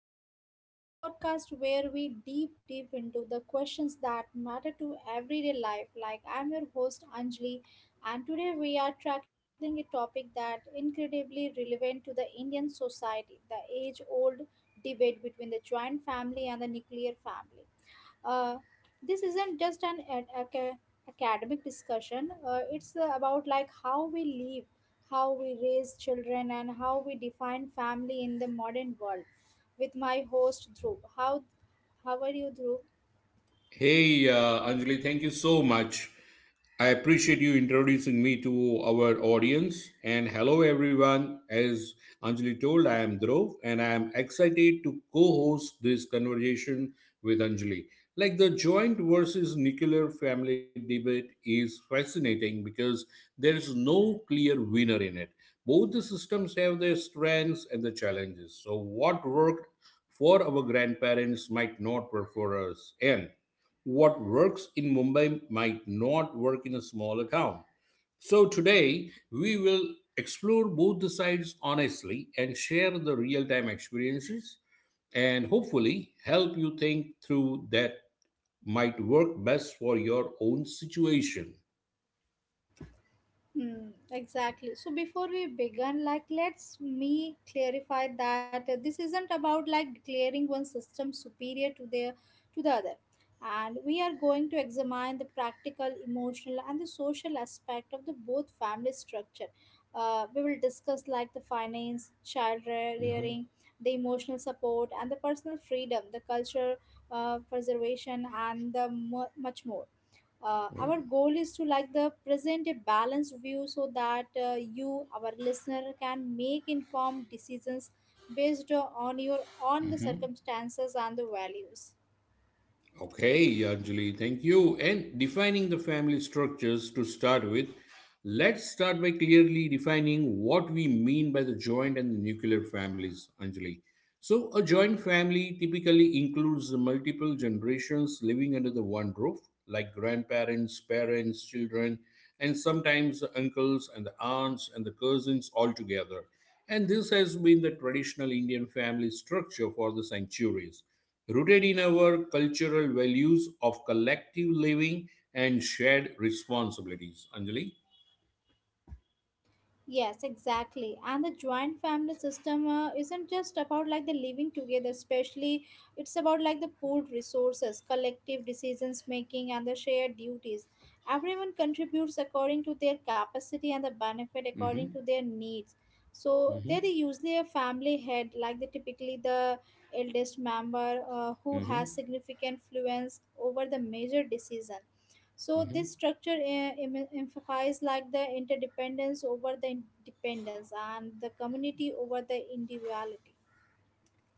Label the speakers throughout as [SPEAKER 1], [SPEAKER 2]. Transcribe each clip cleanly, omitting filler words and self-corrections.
[SPEAKER 1] Perspectives, the podcast where we deep into the questions that matter to everyday life. Like, I'm your host Anjali, and today we are tackling a topic that incredibly relevant to the Indian society: the age-old debate between the joint family and the nuclear family. Uh, this isn't just an academic discussion. It's about like how we live, how we raise children, and how we define family in the modern world. With my host Dhruv, how are you, Dhruv?
[SPEAKER 2] Hey, Anjali, thank you so much. I appreciate you introducing me to our audience. And hello, everyone. As Anjali told, I am Dhruv and I am excited to co host this conversation with Anjali. Like the joint versus nuclear family debate is fascinating because there is no clear winner in it. Both the systems have their strengths and the challenges. So, what worked for our grandparents might not work for us. And what works in Mumbai might not work in a smaller town. So, today we will explore both the sides honestly and share the real time experiences and hopefully help you think through that might work best for your own situation.
[SPEAKER 1] Hmm, exactly. So before we begin, like let's me clarify that this isn't about like declaring one system superior to the other. And we are going to examine the practical, emotional, and the social aspect of the both family structure. We will discuss like the finance,
[SPEAKER 2] Mhm.
[SPEAKER 1] rearing, the emotional support, and the personal freedom, the culture preservation, and the mu much more. Uh,
[SPEAKER 2] Well,
[SPEAKER 1] our goal is to like the present a balanced view so that you our listener can make informed decisions based on your on the circumstances and the values.
[SPEAKER 2] okay, Anjali, thank you. And defining the family structures to start with, let's start by clearly defining what we mean by the joint and the nuclear families, Anjali. So, a joint family typically includes the multiple generations living under the one roof, like grandparents, parents, children, and sometimes the uncles and the aunts and the cousins all together. And this has been the traditional Indian family structure for the centuries rooted in our cultural values of collective living and shared responsibilities. Anjali?
[SPEAKER 1] Yes, exactly. And the joint family system isn't just about like the living together, especially it's about like the pooled resources, collective decisions making, and the shared duties. Everyone contributes according to their capacity and the benefit
[SPEAKER 2] Mm-hmm.
[SPEAKER 1] according to their needs. So there
[SPEAKER 2] Mm-hmm.
[SPEAKER 1] is usually a family head, like the typically the eldest member who has
[SPEAKER 2] Mm-hmm.
[SPEAKER 1] significant influence over the major decision. So
[SPEAKER 2] Mm-hmm.
[SPEAKER 1] this structure emphasizes like the interdependence over the dependence and the community over the individuality.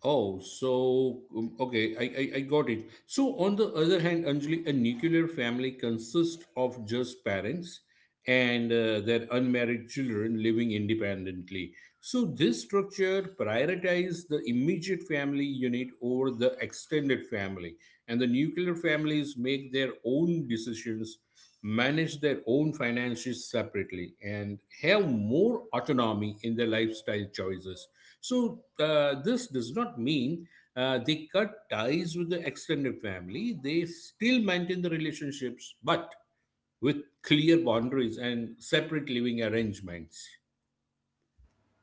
[SPEAKER 2] Oh, so okay, I got it. So, on the other hand, Anjali, a nuclear family consists of just parents and their unmarried children living independently. So, this structure prioritizes the immediate family unit over the extended family, and the nuclear families make their own decisions manage their own finances separately and have more autonomy in their lifestyle choices. So, this does not mean they cut ties with the extended family, they still maintain the relationships, but with clear boundaries and separate living arrangements.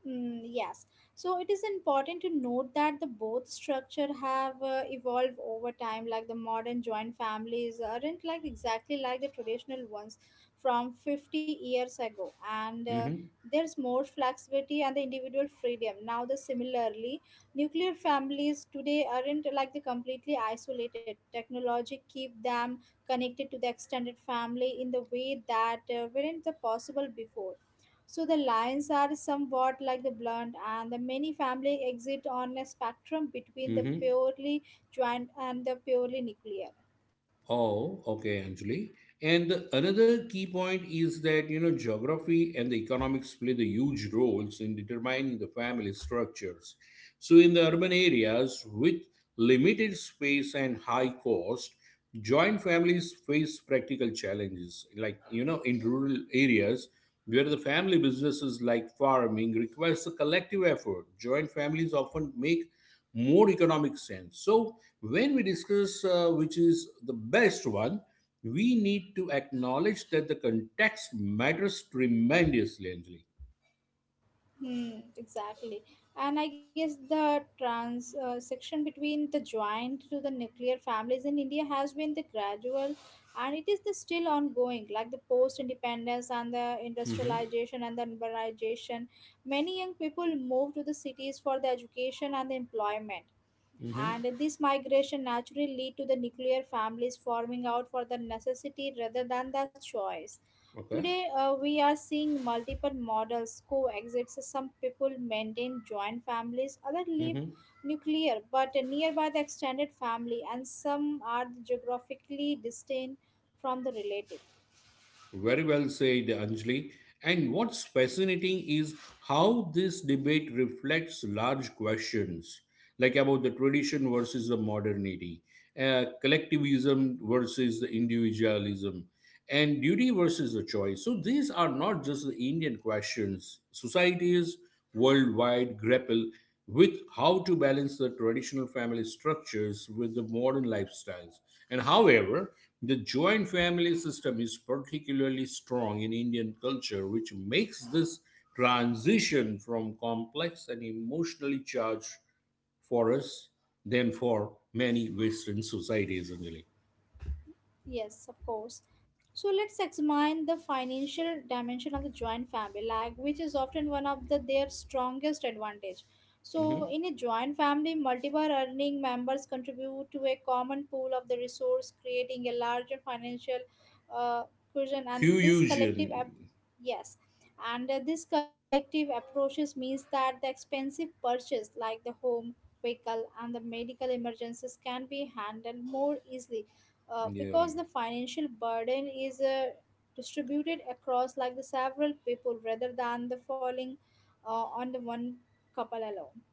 [SPEAKER 1] Mm, yes. So it is important to note that the both structure have evolved over time. Like the modern joint families aren't like exactly like the traditional ones from 50 years ago, and
[SPEAKER 2] Hmm.
[SPEAKER 1] there's more flexibility and the individual freedom. Now, the similarly, nuclear families today aren't like the completely isolated. Technology keep them connected to the extended family in the way that weren't the possible before. So the lines are somewhat like the blunt, and the many family exist on a spectrum between the
[SPEAKER 2] Hmm.
[SPEAKER 1] purely joint and the purely nuclear.
[SPEAKER 2] Oh, okay, Anjali. And another key point is that geography and the economics play the huge roles in determining the family structures. So in the urban areas with limited space and high cost, joint families face practical challenges. Like in rural areas where the family businesses like farming requires a collective effort, joint families often make more economic sense. So, when we discuss which is the best one, we need to acknowledge that the context matters tremendously, Anjali.
[SPEAKER 1] Hmm, exactly. And I guess the trans section between the joint to the nuclear families in India has been the gradual, and it is the still ongoing. Like the post-independence and the
[SPEAKER 2] Mm-hmm.
[SPEAKER 1] industrialization and the urbanization, many young people move to the cities for the education and the employment, and this migration naturally lead to the nuclear families forming out for the necessity rather than the choice.
[SPEAKER 2] Mm-hmm.
[SPEAKER 1] Today, we are seeing multiple models coexist. Some people maintain joint families, others live
[SPEAKER 2] Okay.
[SPEAKER 1] nuclear but nearby the extended family, and some are geographically distant from the relative.
[SPEAKER 2] Very well said, Anjali. And what's fascinating is how this debate reflects large questions, like about the tradition versus the modernity, collectivism versus the individualism, and duty versus the choice. So these are not just the Indian questions. Societies worldwide grapple with how to balance the traditional family structures with the modern lifestyles. And however, the joint family system is particularly strong in Indian culture, which makes this transition from complex and emotionally charged for us than for many Western societies, Anjali.
[SPEAKER 1] Yes, of course. So let's examine the financial dimension of the joint family, like which is often one of the their strongest advantage. So
[SPEAKER 2] Mhm.
[SPEAKER 1] in a joint family, multiple earning members contribute to a common pool of the resource, creating a larger financial uh, cushion.
[SPEAKER 2] Q
[SPEAKER 1] And this
[SPEAKER 2] Fusion,
[SPEAKER 1] yes, and this collective approaches means that the expensive purchase like the home, vehicle, and the medical emergencies can be handled more easily
[SPEAKER 2] yeah.
[SPEAKER 1] because the financial burden is distributed across like the several people rather than the falling on the one couple alone.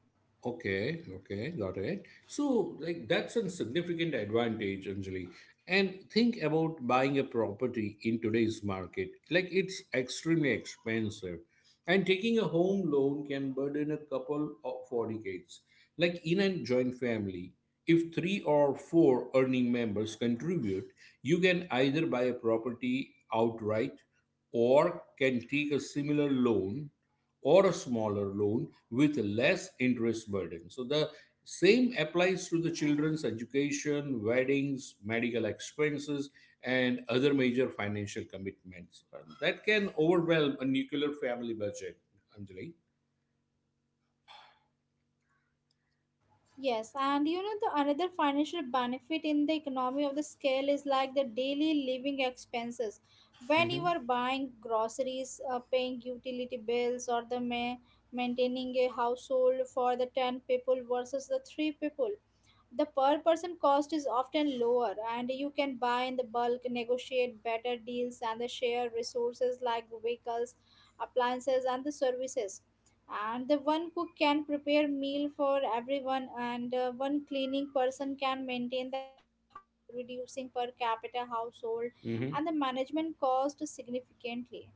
[SPEAKER 2] Okay, okay, got it. So, like, that's a significant advantage, Anjali. And think about buying a property in today's market. Like, it's extremely expensive. And taking a home loan can burden a couple of for decades. Like, in a joint family, if three or four earning members contribute, you can either buy a property outright or can take a similar loan or a smaller loan with less interest burden. So the same applies to the children's education, weddings, medical expenses, and other major financial commitments, that can overwhelm a nuclear family budget. Anjali.
[SPEAKER 1] Yes, and you know the another financial benefit in the economy of the scale is like the daily living expenses when you are buying groceries, paying utility bills, or maintaining a household for the 10 people versus the 3 people. The per person cost is often lower, and you can buy in the bulk, negotiate better deals, and they share resources like vehicles, appliances, and the services. And the one cook can prepare meal for everyone, and one cleaning person can maintain the house, reducing per capita household
[SPEAKER 2] Hmm.
[SPEAKER 1] and the management cost significantly.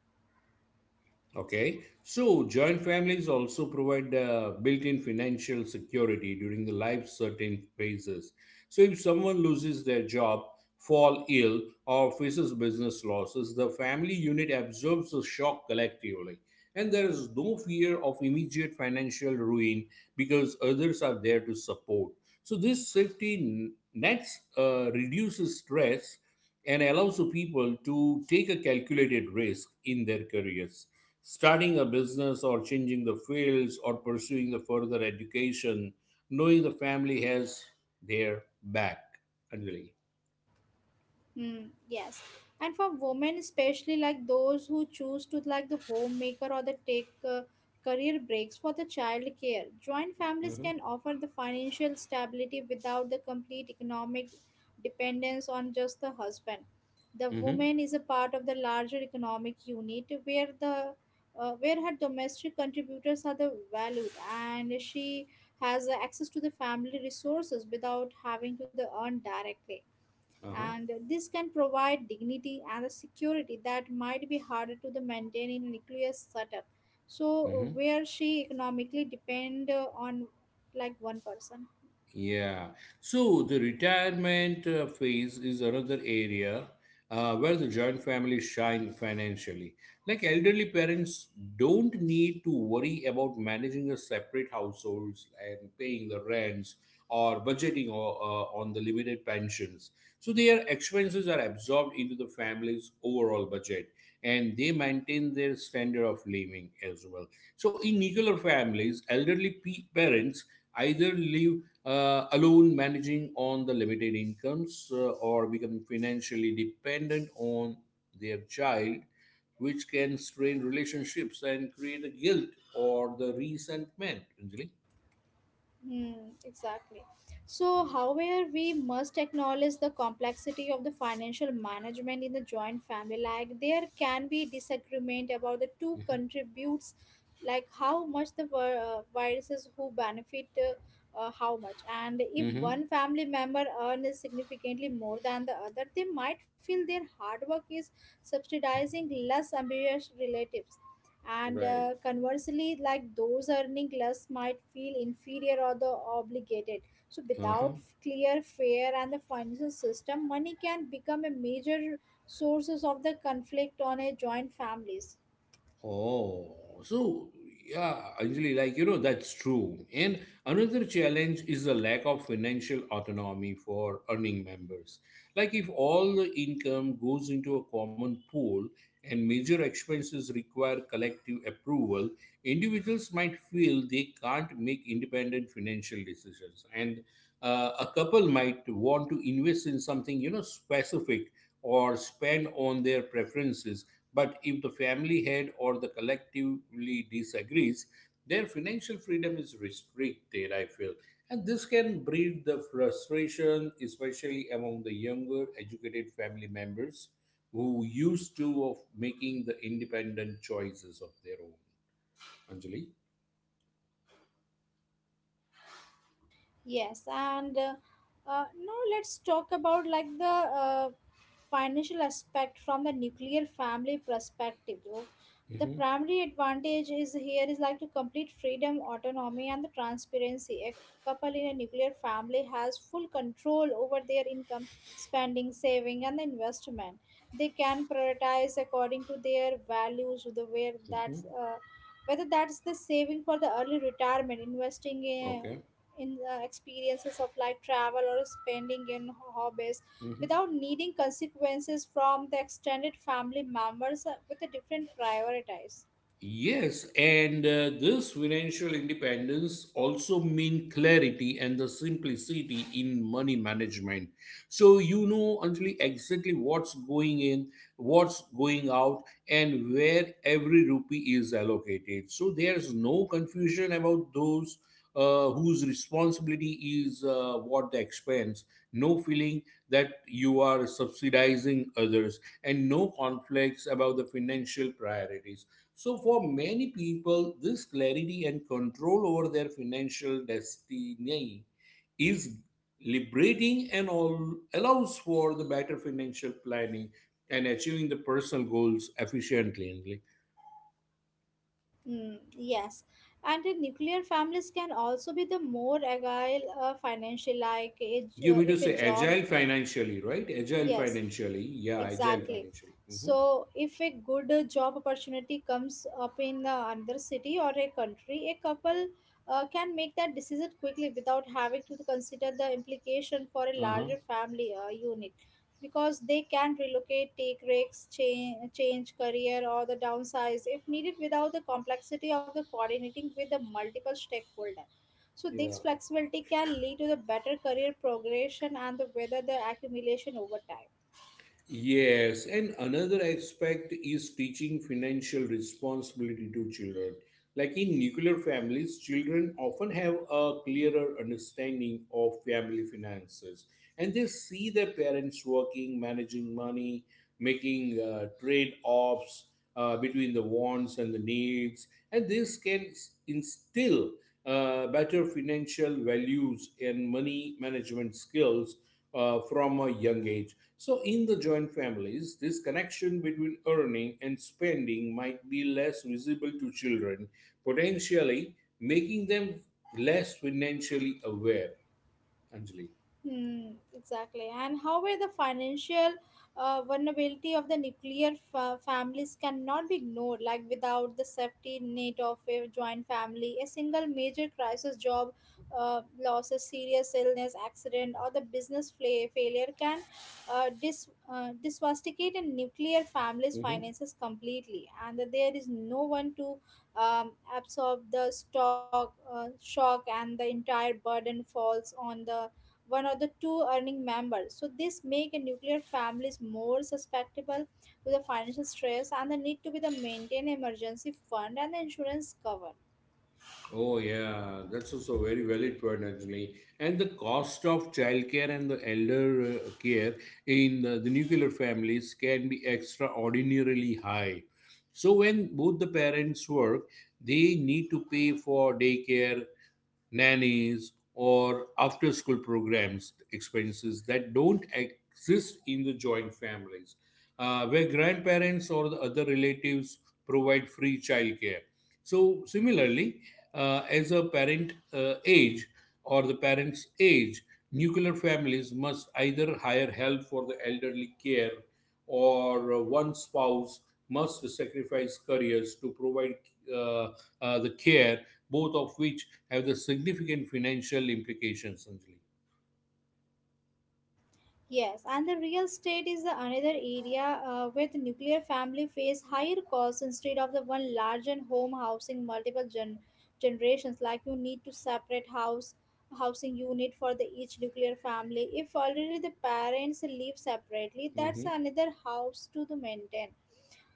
[SPEAKER 2] Okay, so joint families also provide built-in financial security during the life's certain phases. So if someone loses their job, fall ill, or faces business losses, the family unit absorbs the shock collectively. And there is no fear of immediate financial ruin because others are there to support. So, this safety nets reduces stress and allows the people to take a calculated risk in their careers. Starting a business or changing the fields or pursuing the further education, knowing the family has their back. Anjali.
[SPEAKER 1] Mm, yes. And for women, especially like those who choose to like the homemaker or the take career breaks for the child care, joint families
[SPEAKER 2] Mm-hmm.
[SPEAKER 1] can offer the financial stability without the complete economic dependence on just the husband. The
[SPEAKER 2] Mm-hmm.
[SPEAKER 1] woman is a part of the larger economic unit where her domestic contributors are the valued and she has access to the family resources without having to the earn directly.
[SPEAKER 2] Uh-huh.
[SPEAKER 1] And this can provide dignity and a security that might be harder to the maintain in a nuclear setup,
[SPEAKER 2] Mm-hmm.
[SPEAKER 1] so where she economically depend on like one person.
[SPEAKER 2] Yeah. So the retirement phase is another area where the joint families shine financially. Like elderly parents don't need to worry about managing a separate households and paying the rents or budgeting or on the limited pensions. So their expenses are absorbed into the family's overall budget and they maintain their standard of living as well. So in nuclear families, elderly parents either live alone managing on the limited incomes or become financially dependent on their child, which can strain relationships and create a guilt or the resentment, Anjali?
[SPEAKER 1] Hmm, exactly. So, however, we must acknowledge the complexity of the financial management in the joint family. Like, there can be disagreement about the two
[SPEAKER 2] Mhm.
[SPEAKER 1] contributes, like how much the viruses who benefit how much. And if
[SPEAKER 2] Mhm.
[SPEAKER 1] one family member earns significantly more than the other, they might feel their hard work is subsidizing less ambitious relatives. And
[SPEAKER 2] Right.
[SPEAKER 1] conversely like those earning less might feel inferior or the obligated. So without
[SPEAKER 2] Uh-huh.
[SPEAKER 1] clear fair and the financial system money can become a major sources of the conflict on a joint families.
[SPEAKER 2] Oh, so yeah, actually, like that's true. And another challenge is the lack of financial autonomy for earning members. Like if all the income goes into a common pool and major expenses require collective approval, individuals might feel they can't make independent financial decisions. And a couple might want to invest in something specific, or spend on their preferences, but if the family head or the collectively disagrees, their financial freedom is restricted, I feel. And this can breed the frustration, especially among the younger educated family members who used to of making the independent choices of their own. Anjali?
[SPEAKER 1] Yes, and now let's talk about like the financial aspect from the nuclear family perspective. Though. The
[SPEAKER 2] Mm-hmm.
[SPEAKER 1] primary advantage is here is like to complete freedom, autonomy, and the transparency. A couple in a nuclear family has full control over their income, spending, saving, and investment. They can prioritize according to their values, the where
[SPEAKER 2] Mm-hmm.
[SPEAKER 1] that's. Whether that's the saving for the early retirement, investing in,
[SPEAKER 2] Okay.
[SPEAKER 1] in uh, experiences of like travel or spending in hobbies without needing consequences from the extended family members with a different priorities.
[SPEAKER 2] Yes, and this financial independence also mean clarity and the simplicity in money management. So you know, Anjali, exactly what's going in, what's going out, and where every rupee is allocated. So there's no confusion about those whose responsibility is what the expense, no feeling that you are subsidizing others, and no conflicts about the financial priorities. So, for many people, this clarity and control over their financial destiny is liberating and all allows for the better financial planning and achieving the personal goals efficiently.
[SPEAKER 1] Mm, yes, and the nuclear families can also be the more agile financially, like
[SPEAKER 2] You mean to
[SPEAKER 1] if a
[SPEAKER 2] say
[SPEAKER 1] job.
[SPEAKER 2] agile financially, right? Agile
[SPEAKER 1] Yes,
[SPEAKER 2] financially. Yeah, agile
[SPEAKER 1] exactly.
[SPEAKER 2] financially. Hmm.
[SPEAKER 1] So, if a good job opportunity comes up in another city or a country, a couple can make that decision quickly without having to consider the implication for a
[SPEAKER 2] Uh-huh.
[SPEAKER 1] larger family unit, because they can relocate, take risks, change career, or the downsize if needed without the complexity of the coordinating with the multiple stakeholder. So,
[SPEAKER 2] Yeah.
[SPEAKER 1] this flexibility can lead to the better career progression and the whether the accumulation over time.
[SPEAKER 2] Yes. And another aspect is teaching financial responsibility to children. Like in nuclear families, children often have a clearer understanding of family finances and they see their parents working, managing money, making trade offs between the wants and the needs. And this can instill better financial values and money management skills from a young age. So, in the joint families, this connection between earning and spending might be less visible to children, potentially making them less financially aware. Anjali.
[SPEAKER 1] Hmm, exactly. And however, the financial vulnerability of the families cannot be ignored. Like without the safety net of a joint family, a single major crisis, job losses, serious illness, accident, or the failure can disvasticate a nuclear family's
[SPEAKER 2] Mm-hmm.
[SPEAKER 1] finances completely. And that there is no one to absorb the stock shock, and the entire burden falls on the one or the two earning members. So this make a nuclear families more susceptible to the financial stress and the need to be the maintain emergency fund and the insurance cover.
[SPEAKER 2] Oh yeah, that's also very valid point actually. And the cost of childcare and the elder care in the nuclear families can be extraordinarily high. So when both the parents work, they need to pay for daycare, nannies, or after school programs expenses that don't exist in the joint families, where grandparents or the other relatives provide free childcare. So, similarly, as a parent age or the parent's age, nuclear families must either hire help for the elderly care or one spouse must sacrifice careers to provide uh, the care, both of which have the significant financial implications, Anjali.
[SPEAKER 1] Yes, and the real estate is the another area where the nuclear family face higher costs instead of the one large and home housing multiple generations. Like you need to separate house housing unit for the each nuclear family. If already the parents live separately, that's
[SPEAKER 2] Mm-hmm.
[SPEAKER 1] another house to the maintain.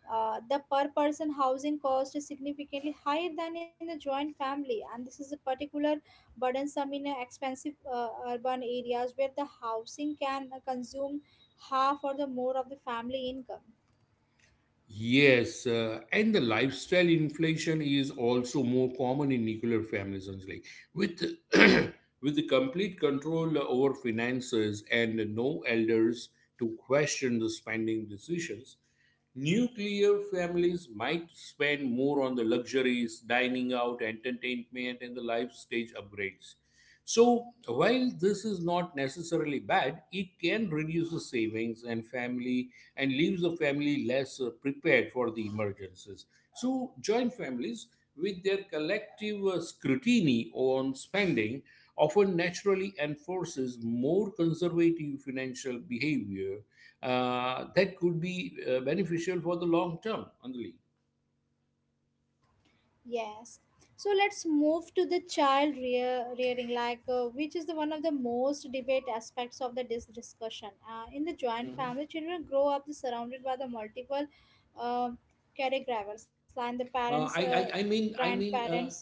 [SPEAKER 1] The per person housing cost is significantly higher than in the joint family, and this is a particular burdensome in expensive urban areas where the housing can consume half or the more of the family income.
[SPEAKER 2] Yes, and the lifestyle inflation is also more common in nuclear families, Anjali. With with the complete control over finances and no elders to question the spending decisions, nuclear families might spend more on the luxuries, dining out, entertainment, and the life stage upgrades. So, while this is not necessarily bad, it can reduce the savings and family and leaves the family less prepared for the emergencies. So, joint families with their collective scrutiny on spending often naturally enforces more conservative financial behavior that could be beneficial for the long term. Anjali.
[SPEAKER 1] Yes. So let's move to the rearing, like which is the one of the most debate aspects of the discussion. In the joint family, children grow up surrounded by the multiple uh, caregivers, like the parents,
[SPEAKER 2] Uh, I, I mean,
[SPEAKER 1] grandparents,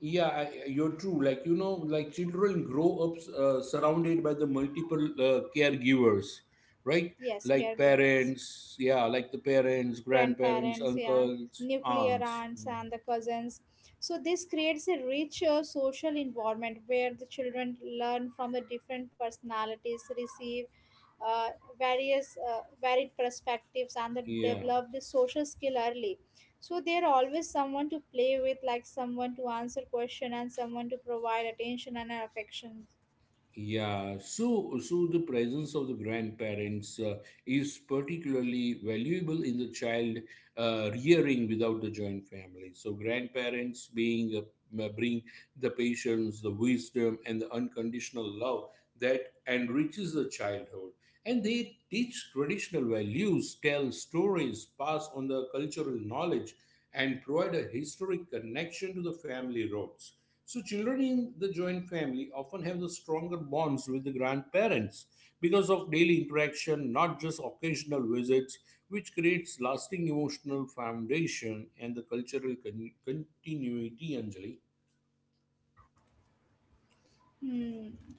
[SPEAKER 2] yeah, you're true. Like, like children grow up surrounded by the multiple caregivers, right?
[SPEAKER 1] yes,
[SPEAKER 2] Like
[SPEAKER 1] caregivers,
[SPEAKER 2] parents, yeah, like the parents, grandparents,
[SPEAKER 1] grandparents, yeah,
[SPEAKER 2] uncles,
[SPEAKER 1] nuclear
[SPEAKER 2] aunts.
[SPEAKER 1] aunts,
[SPEAKER 2] Mm.
[SPEAKER 1] and the cousins. So, this creates a richer social environment where the children learn from the different personalities, receive uh, various varied perspectives, and the
[SPEAKER 2] Yeah.
[SPEAKER 1] develop the social skill early. So, there are always someone to play with, like someone to answer question and someone to provide attention and affection.
[SPEAKER 2] Yeah, so the presence of the grandparents is particularly valuable in the child rearing without the joint family. So grandparents being bring the patience, the wisdom, and the unconditional love that enriches the childhood, and they teach traditional values, tell stories, pass on the cultural knowledge, and provide a historic connection to the family roots. So, children in the joint family often have the stronger bonds with the grandparents because of daily interaction, not just occasional visits, which creates lasting emotional foundation and the cultural continuity, Anjali.
[SPEAKER 1] Hmm.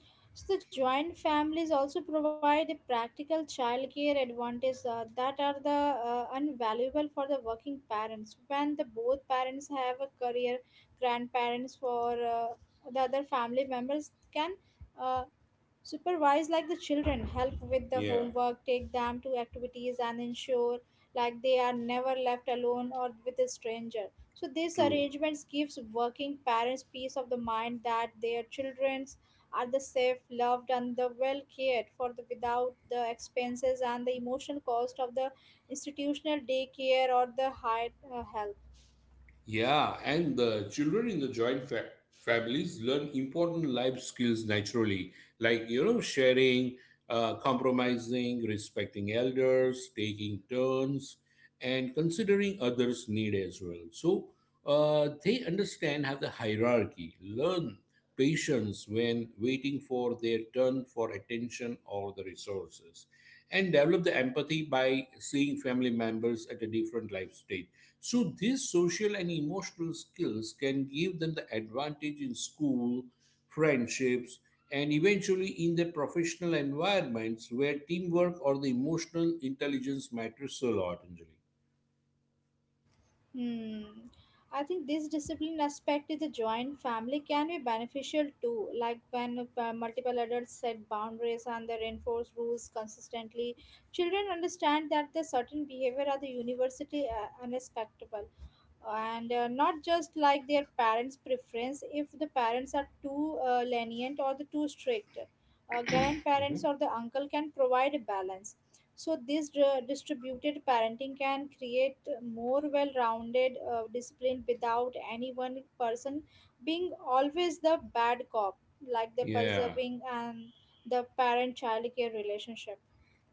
[SPEAKER 1] So the joint families also provide a practical childcare advantage that are the invaluable for the working parents. When the both parents have a career, grandparents for the other family members can uh, supervise like the children, help with the
[SPEAKER 2] Yeah,
[SPEAKER 1] homework, take them to activities, and ensure like they are never left alone or with a stranger. So these
[SPEAKER 2] true.
[SPEAKER 1] arrangements gives working parents peace of the mind that their children are the safe, loved, and the well cared for the without the expenses and the emotional cost of the institutional daycare or the high help.
[SPEAKER 2] Yeah, and the children in the joint families learn important life skills naturally, like sharing, compromising, respecting elders, taking turns, and considering others' need as well. So they understand how the hierarchy learn patience when waiting for their turn for attention or the resources, and develop the empathy by seeing family members at a different life stage. So these social and emotional skills can give them the advantage in school, friendships, and eventually in their professional environments where teamwork or the emotional intelligence matters a lot, anjali.
[SPEAKER 1] Hmm. I think this discipline aspect in the joint family can be beneficial too. Like when multiple adults set boundaries and they reinforce rules consistently, children understand that the certain behavior are the university unacceptable and not just like their parents' preference if the parents are too lenient or the too strict. Grandparents
[SPEAKER 2] Mhm.
[SPEAKER 1] or the uncle can provide a balance. So this distributed parenting can create more well-rounded discipline without any one person being always the bad cop, like the
[SPEAKER 2] Yeah.
[SPEAKER 1] preserving and the parent-child care relationship.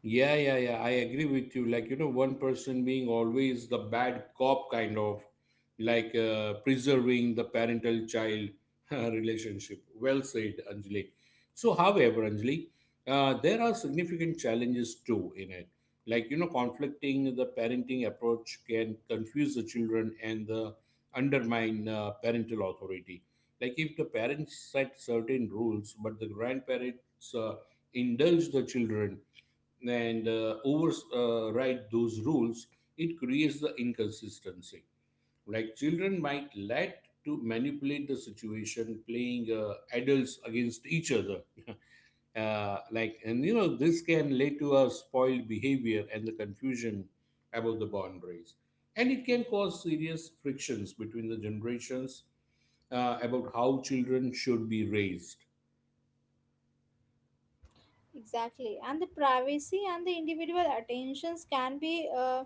[SPEAKER 2] Yeah, yeah, yeah, I agree with you. One person being always the bad cop, kind of like preserving the parental child relationship. Well said, Anjali. So, however, Anjali, there are significant challenges too in it. Conflicting the parenting approach can confuse the children and undermine parental authority. Like, if the parents set certain rules, but the grandparents indulge the children and override those rules, it creates the inconsistency. Like children might let to manipulate the situation, playing adults against each other. This can lead to a spoiled behavior and the confusion about the boundaries. And it can cause serious frictions between the generations about how children should be raised.
[SPEAKER 1] Exactly, and the privacy and the individual attentions can be.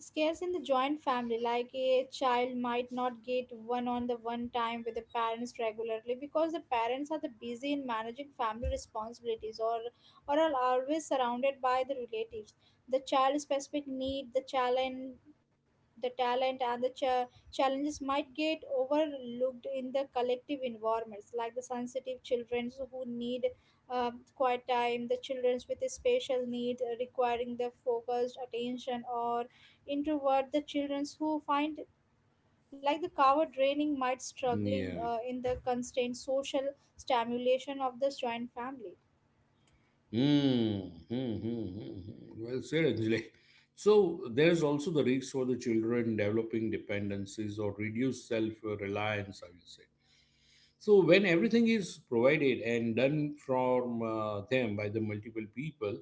[SPEAKER 1] Scarce in the joint family, like a child might not get one on the one time with the parents regularly because the parents are the busy in managing family responsibilities or are always surrounded by the relatives. The child specific need, the challenge the talent and the challenges might get overlooked in the collective environments like the sensitive children who need quiet time the children with a special need requiring the focused attention or introvert the children who find like the cover draining might struggling
[SPEAKER 2] Yeah.
[SPEAKER 1] in the constant social stimulation of this joint family.
[SPEAKER 2] Hmm. Well said, Anjali. So there is also the risk for the children developing dependencies or reduced self-reliance, I will say. So when everything is provided and done from them by the multiple people,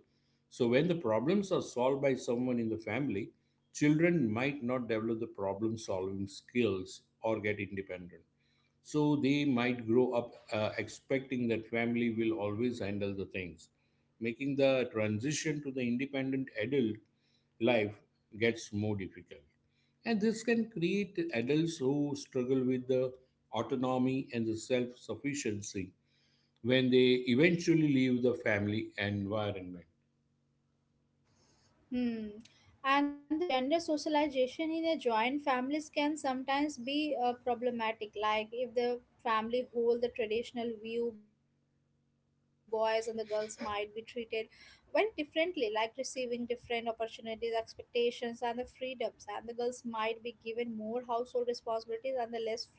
[SPEAKER 2] so when the problems are solved by someone in the family, children might not develop the problem-solving skills or get independent. So they might grow up expecting that family will always handle the things, making the transition to the independent adult life gets more difficult. And this can create adults who struggle with the autonomy and the self sufficiency when they eventually leave the family environment.
[SPEAKER 1] Hmm. And the gender socialization in a joint families can sometimes be problematic. Like if the family hold the traditional view, boys and the girls might be treated very differently, like receiving different opportunities, expectations, and the freedoms. And the girls might be given more household responsibilities and the less freedom,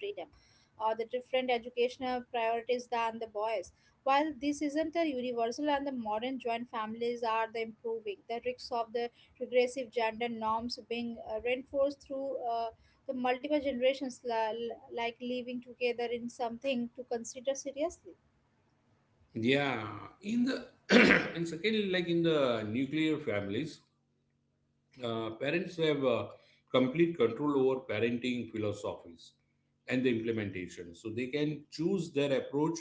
[SPEAKER 1] or the different educational priorities than the boys. While this isn't a universal and the modern joint families are the improving, the risks of the regressive gender norms being reinforced through the multiple generations, like living together in something to consider seriously.
[SPEAKER 2] Yeah, in the and secondly, like in the nuclear families, parents have complete control over parenting philosophies and the implementation. So they can choose their approach,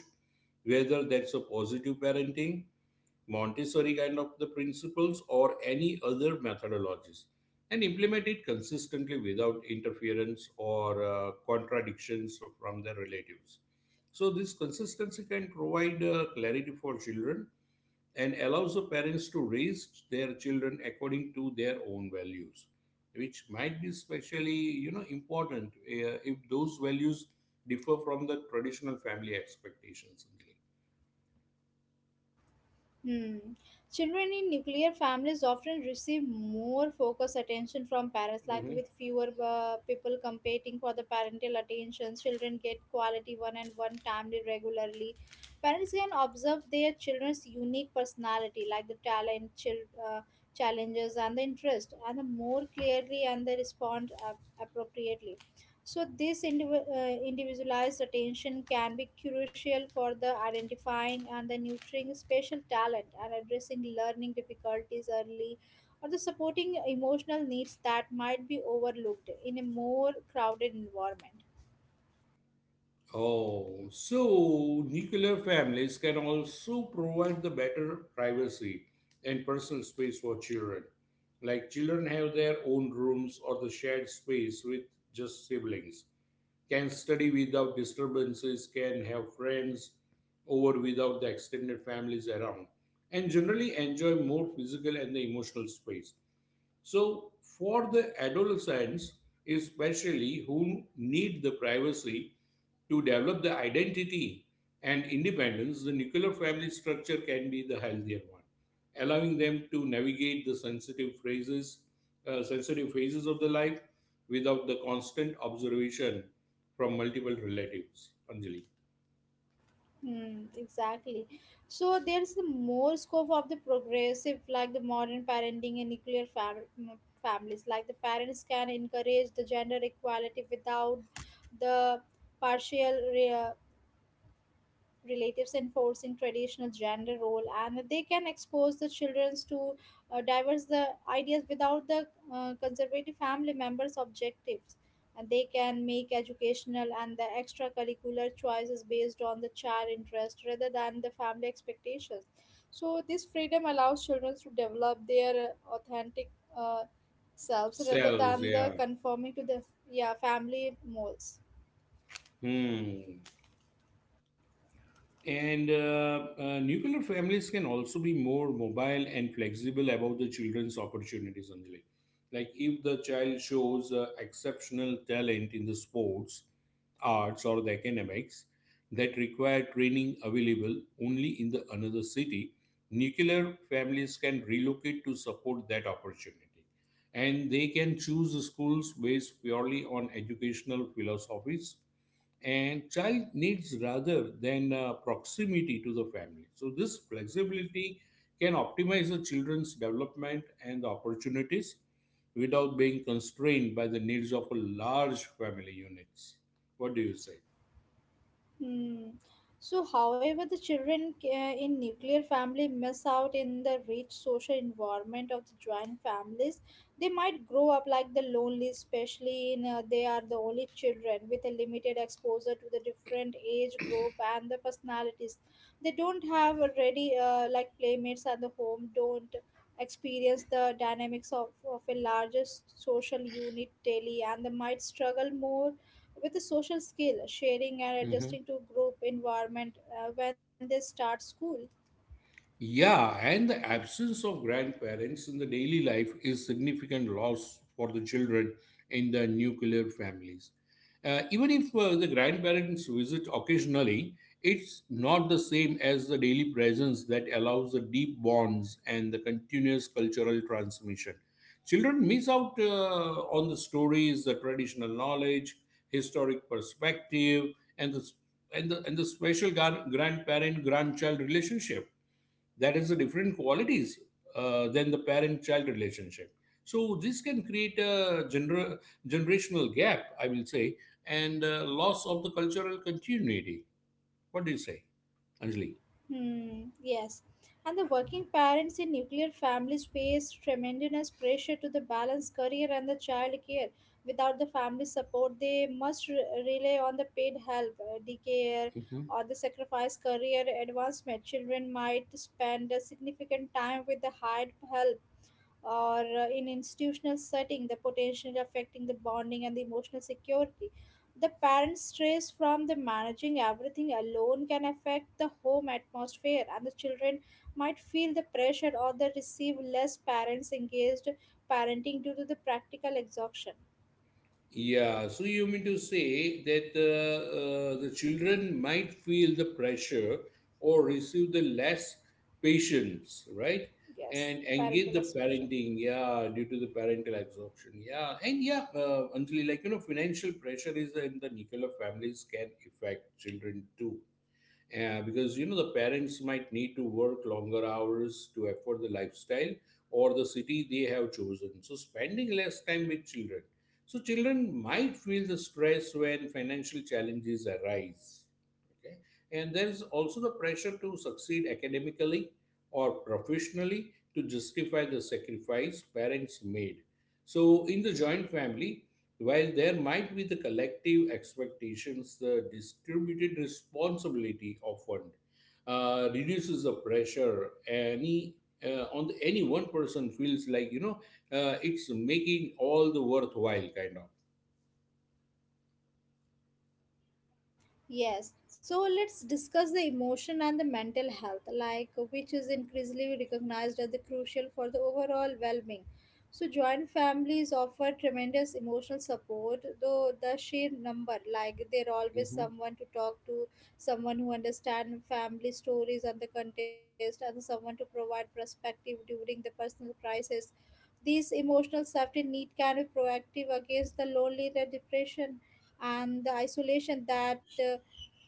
[SPEAKER 2] whether that's a positive parenting, Montessori kind of the principles, or any other methodologies, and implement it consistently without interference or contradictions from their relatives. So this consistency can provide clarity for children and allows the parents to raise their children according to their own values which might be especially important if those values differ from the traditional family expectations.
[SPEAKER 1] Hmm. Children in nuclear families often receive more focused attention from parents, like with fewer people competing for the parental attention. Children get quality one and one time regularly. Parents can observe their children's unique personality, like the talent, challenges, and the interest, and the more clearly and they respond appropriately. So, this individualized attention can be crucial for the identifying and the nurturing special talent and addressing learning difficulties early or the supporting emotional needs that might be overlooked in a more crowded environment.
[SPEAKER 2] Oh, so nuclear families can also provide the better privacy and personal space for children. Like children have their own rooms or the shared space with just siblings. Can study without disturbances, can have friends over without the extended families around, and generally enjoy more physical and the emotional space. So, for the adolescents, especially who need the privacy to develop the identity and independence, the nuclear family structure can be the healthier one, allowing them to navigate the sensitive phrases, sensitive phases of the life without the constant observation from multiple relatives. Anjali,
[SPEAKER 1] Hmm, exactly. So there's the more scope of the progressive, like the modern parenting and nuclear families. Like the parents can encourage the gender equality without the partial uh, relatives enforcing traditional gender role and they can expose the children to diverse the ideas without the conservative family members objectives and they can make educational and the extracurricular choices based on the child interest rather than the family expectations so this freedom allows children to develop their authentic uh, selves rather
[SPEAKER 2] cells,
[SPEAKER 1] than the
[SPEAKER 2] yeah.
[SPEAKER 1] conforming to the yeah family molds.
[SPEAKER 2] Hmm. And nuclear families can also be more mobile and flexible about the children's opportunities, Anjali. Like if the child shows exceptional talent in the sports, arts, or the academics that require training available only in the another city, nuclear families can relocate to support that opportunity. And they can choose schools based purely on educational philosophies and child needs rather than proximity to the family. So this flexibility can optimize the children's development and the opportunities without being constrained by the needs of a large family units. What do you say?
[SPEAKER 1] Hmm. So, however, the children in nuclear family miss out in the rich social environment of the joint families. They might grow up like the lonely, especially in they are the only children with a limited exposure to the different age group and the personalities. They don't have already like playmates at the home. Don't experience the dynamics of a larger social unit daily and they might struggle more with a social skill, sharing and adjusting to group environment when they start school.
[SPEAKER 2] Yeah, and the absence of grandparents in the daily life is significant loss for the children in the nuclear families. Even if the grandparents visit occasionally, it's not the same as the daily presence that allows the deep bonds and the continuous cultural transmission. Children miss out on the stories, the traditional knowledge, historic perspective, and the and the special grandparent grandchild relationship that is the different qualities than the parent-child relationship. So this can create a generational gap, I will say, and loss of the cultural continuity. What do you say, Anjali?
[SPEAKER 1] Hmm, yes. And the working parents in nuclear families face tremendous pressure to the balance career and the child care. Without the family support, they must rely on the paid help, daycare, or the sacrifice career advancement. Children might spend a significant time with the hired help or in institutional setting the potential affecting the bonding and the emotional security the parent stress from the managing everything alone can affect the home atmosphere and the children might feel the pressure or they receive less parents engaged parenting due to the practical exhaustion.
[SPEAKER 2] Yeah, so you mean to say that the children might feel the pressure or receive the less patience, right? And
[SPEAKER 1] Yes,
[SPEAKER 2] engage
[SPEAKER 1] parental
[SPEAKER 2] the
[SPEAKER 1] exhaustion.
[SPEAKER 2] parenting, yeah, due to the parental absorption, yeah, and yeah, Anjali, financial pressure is in the nuclear families can affect children too because the parents might need to work longer hours to afford the lifestyle or the city they have chosen. So spending less time with children, so children might feel the stress when financial challenges arise. Okay. And there is also the pressure to succeed academically or professionally to justify the sacrifice parents made. So in the joint family, while there might be the collective expectations, the distributed responsibility often reduces the pressure any on the, any one person feels like it's making all the worthwhile kind of.
[SPEAKER 1] Yes, so let's discuss the emotion and the mental health, like which is increasingly recognized as the crucial for the overall well-being. So joint families offer tremendous emotional support, though the sheer number, like there always
[SPEAKER 2] Mhm.
[SPEAKER 1] someone to talk to, someone who understands family stories and the context, and someone to provide perspective during the personal crisis these emotional safety need can be proactive against the lonely, the depression, and the isolation that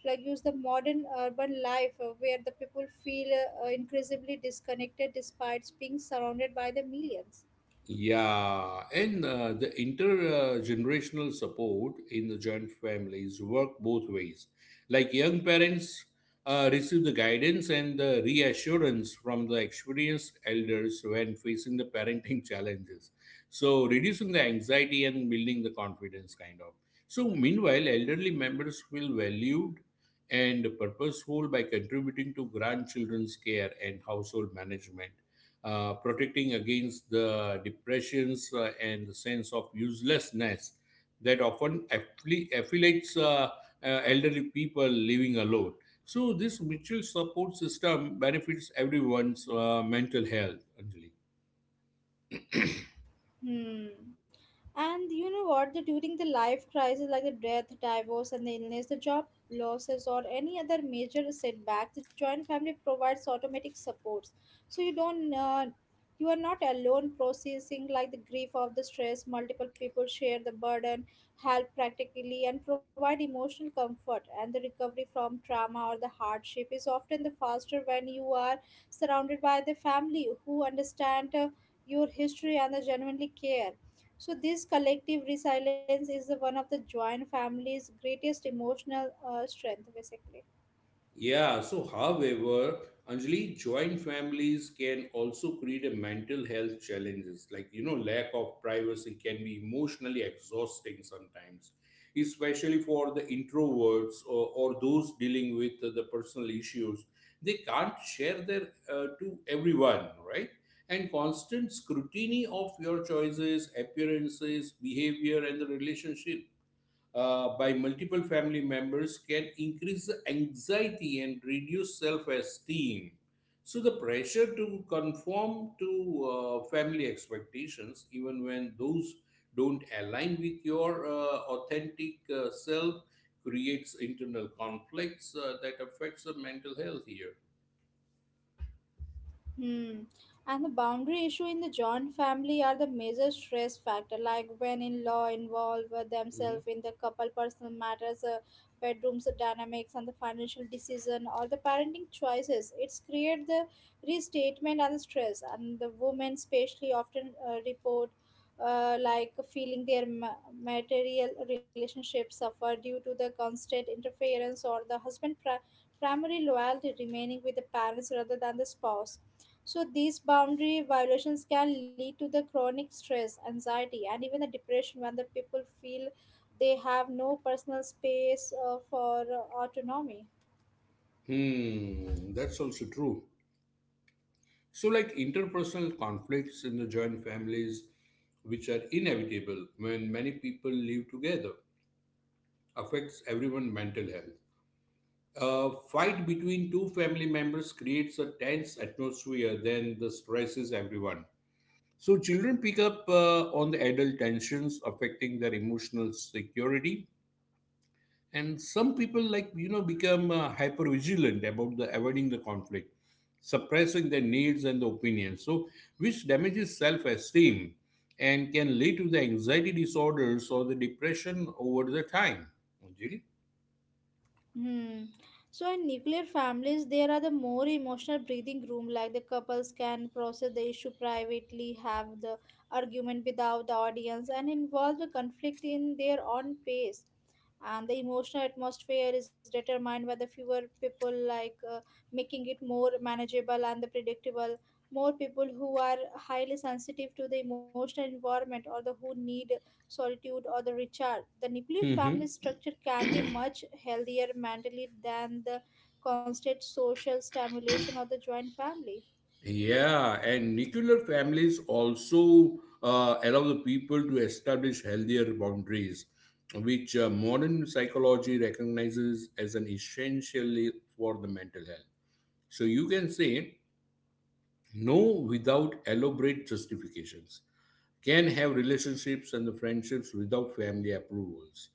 [SPEAKER 1] like use the modern urban life where the people feel increasingly disconnected despite being surrounded by the millions.
[SPEAKER 2] Yeah, and the intergenerational support in the joint families work both ways. Like young parents receive the guidance and the reassurance from the experienced elders when facing the parenting challenges. So reducing the anxiety and building the confidence, kind of. So meanwhile, elderly members feel valued and purposeful by contributing to grandchildren's care and household management, protecting against the depressions and the sense of uselessness that often affiliates elderly people living alone. So, this mutual support system benefits everyone's mental health, Anjali.
[SPEAKER 1] Hmm. And you know what? The, during the life crisis, like the death, divorce, and the illness, the job losses, or any other major setback, the joint family provides automatic supports. So you don't, you are not alone processing like the grief of the stress. Multiple people share the burden, help practically, and provide emotional comfort. And the recovery from trauma or the hardship is often the faster when you are surrounded by the family who understand. Your history and the genuinely care. So this collective resilience is the one of the joint family's greatest emotional strength, basically.
[SPEAKER 2] Yeah, so however, Anjali, joint families can also create a mental health challenges. Lack of privacy can be emotionally exhausting sometimes, especially for the introverts or those dealing with the personal issues. They can't share their to everyone, right? And constant scrutiny of your choices, appearances, behavior, and the relationship by multiple family members can increase the anxiety and reduce self esteem. So, the pressure to conform to family expectations, even when those don't align with your authentic self, creates internal conflicts that affects the mental health here.
[SPEAKER 1] Hmm. And the boundary issue in the joint family are the major stress factor. Like when in-law involve themselves
[SPEAKER 2] Mhm.
[SPEAKER 1] in the couple personal matters, bedrooms dynamics, and the financial decision or the parenting choices, it's create the restatement and the stress. And the women, especially, often report like feeling their material relationships suffer due to the constant interference or the husband primary loyalty remaining with the parents rather than the spouse so these boundary violations can lead to the chronic stress, anxiety, and even the depression when the people feel they have no personal space for autonomy.
[SPEAKER 2] Hmm, that's also true. So, like interpersonal conflicts in the joint families, which are inevitable when many people live together, affects everyone's mental health. A fight between two family members creates a tense atmosphere, then the stresses everyone. So, children pick up on the adult tensions affecting their emotional security, and some people become hyper vigilant about the avoiding the conflict, suppressing their needs and the opinions, so which damages self esteem and can lead to the anxiety disorders or the depression over the time, Anjali?
[SPEAKER 1] Hmm. So in nuclear families, there are the more emotional breathing room. Like the couples can process the issue privately, have the argument without the audience, and involve the conflict in their own pace. And the emotional atmosphere is determined by the fewer people, like making it more manageable and the predictable. More people who are highly sensitive to the emotional environment or the who need solitude, or the recharge. The nuclear
[SPEAKER 2] Mhm.
[SPEAKER 1] family structure can be much healthier mentally than the constant social stimulation of the joint family.
[SPEAKER 2] Yeah, and nuclear families also allow the people to establish healthier boundaries, which modern psychology recognizes as an essentially for the mental health. So you can say no without elaborate justifications, can have relationships and the friendships without family approvals,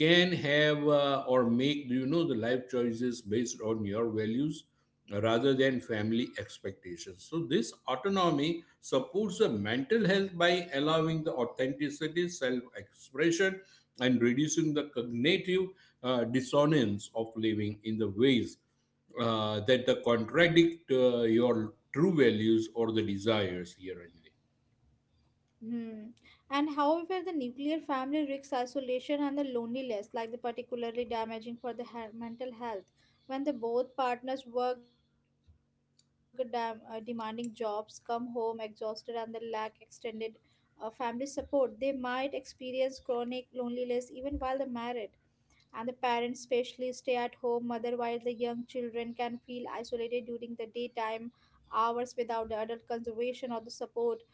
[SPEAKER 2] can have or make the life choices based on your values rather than family expectations. So this autonomy supports the mental health by allowing the authenticity self expression and reducing the cognitive dissonance of living in the ways that the contradict your true values or the desires here only.
[SPEAKER 1] Hmm. And however, the nuclear family risks isolation and the loneliness, like the particularly damaging for the mental health. When the both partners work demanding jobs, come home exhausted, and they lack extended family support, they might experience chronic loneliness even while they're married. And the parents, especially, stay at home. Mother, while the young children can feel isolated during the daytime hours without the adult conservation or the support.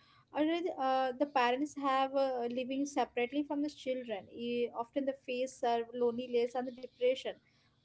[SPEAKER 1] Already, the parents have living separately from the children. Often, the face are loneliness and the depression,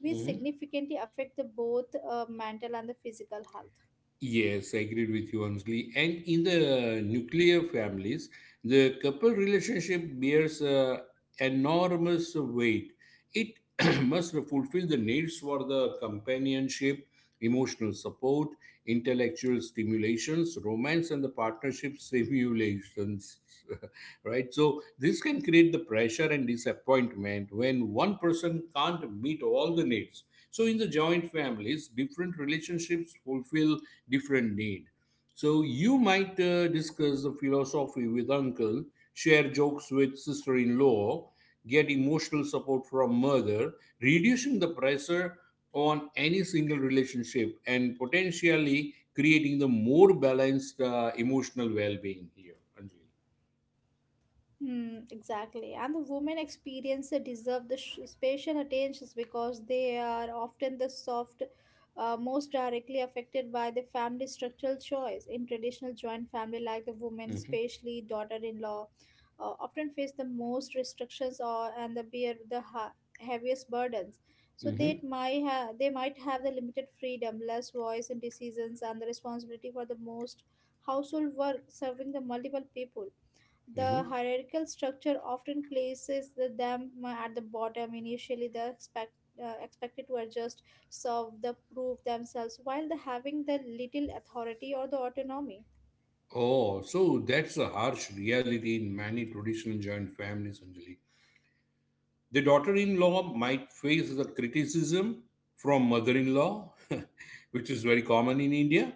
[SPEAKER 1] which significantly affect the both mental and the physical health.
[SPEAKER 2] Yes, I agreed with you, honestly. And in the nuclear families, the couple relationship bears enormous weight. It must fulfill the needs for the companionship, emotional support, intellectual stimulations, romance, and the partnership stimulations, right? So, this can create the pressure and disappointment when one person can't meet all the needs. So, in the joint families, different relationships fulfill different need. So, you might discuss the philosophy with uncle, share jokes with sister in law, get emotional support from mother, reducing the pressure on any single relationship and potentially creating the more balanced emotional well-being here, Anjali.
[SPEAKER 1] Hmm, exactly. And the women experience they deserve the special attention because they are often the soft, most directly affected by the family structural choice. In traditional joint family, like the women,
[SPEAKER 2] Mm-hmm.
[SPEAKER 1] especially daughter-in-law, often face the most restrictions or and the bear the heaviest burdens. So
[SPEAKER 2] Mm-hmm.
[SPEAKER 1] they might have the limited freedom, less voice in decisions, and the responsibility for the most household work, serving the multiple people the
[SPEAKER 2] Mm-hmm.
[SPEAKER 1] hierarchical structure often places them at the bottom. Initially, they expect expected to adjust, serve, the prove themselves, while the having the little authority or the autonomy.
[SPEAKER 2] Oh, so that's a harsh reality in many traditional joint families, Anjali. The daughter in law might face the criticism from mother in law, which is very common in India,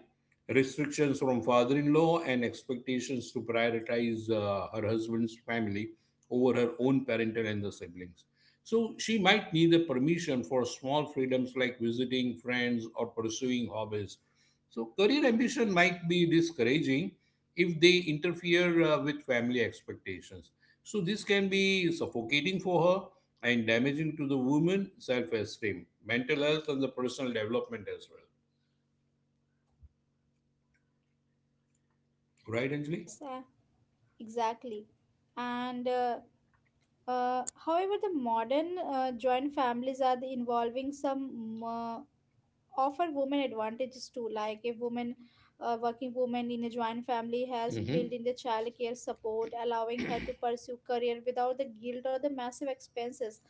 [SPEAKER 2] restrictions from father in law, and expectations to prioritize her husband's family over her own parental and the siblings. So she might need the permission for small freedoms like visiting friends or pursuing hobbies. So career ambition might be discouraging if they interfere with family expectations. So this can be suffocating for her and damaging to the woman self-esteem, mental health, and the personal development as well. Right, Anjali?
[SPEAKER 1] Yes, exactly. And however, the modern joint families are the involving some offer women advantages too like a woman a working woman in a joint family has built in the child care support allowing her to pursue career without the guilt or the massive expenses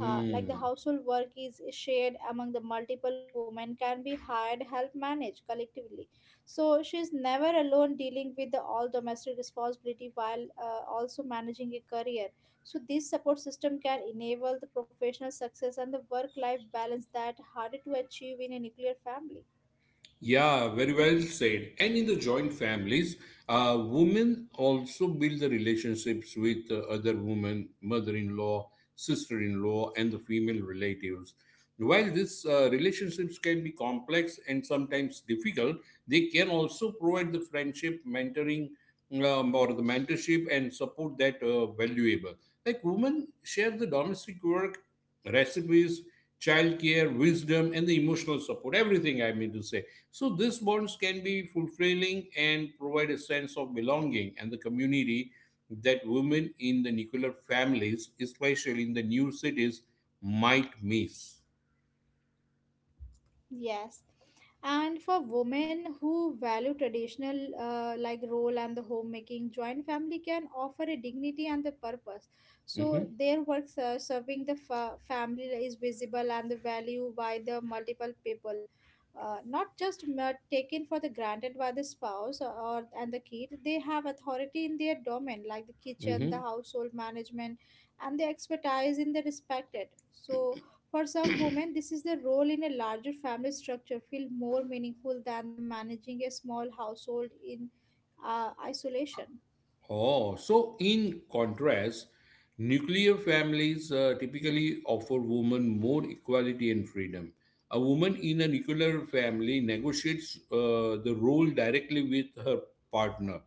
[SPEAKER 1] like the household work is shared among the multiple women can be hired help manage collectively so she's never alone dealing with the all domestic responsibility while also managing a career so this support system can enable the professional success and the work life balance that harder to achieve in a nuclear family.
[SPEAKER 2] Yeah, very well said. And in the joint families, women also build the relationships with other women, mother-in-law, sister-in-law, and the female relatives. While these relationships can be complex and sometimes difficult, they can also provide the friendship, mentoring, or the mentorship and support that valuable. Like women share the domestic work, recipes, childcare, wisdom, and the emotional support. Everything I mean to say. So these bonds can be fulfilling and provide a sense of belonging and the community that women in the nuclear families, especially in the new cities, might miss.
[SPEAKER 1] Yes. And for women who value traditional like role and the homemaking, joint family can offer a dignity and the purpose. So
[SPEAKER 2] Mhm,
[SPEAKER 1] their work serving the family is visible and the value by the multiple people, not just taken for the granted by the spouse or and the kid. They have authority in their domain, like the kitchen, the
[SPEAKER 2] mhm.
[SPEAKER 1] household management, and the expertise in the respected. So for some women, this is the role in a larger family structure feel more meaningful than the managing a small household in isolation.
[SPEAKER 2] Oh, so in contrast, nuclear families typically offer women more equality and freedom. A woman in a nuclear family negotiates the role directly with her partner,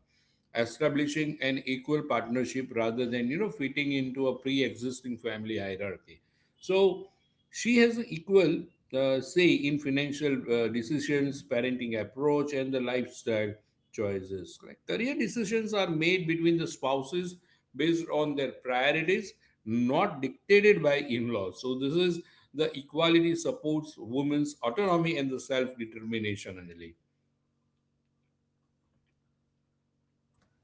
[SPEAKER 2] establishing an equal partnership rather than fitting into a pre-existing family hierarchy. So she has an equal say in financial decisions, parenting approach, and the lifestyle choices. Like career decisions are made between the spouses based on their priorities, not dictated by in-laws. So this is the equality supports women's autonomy and the self-determination,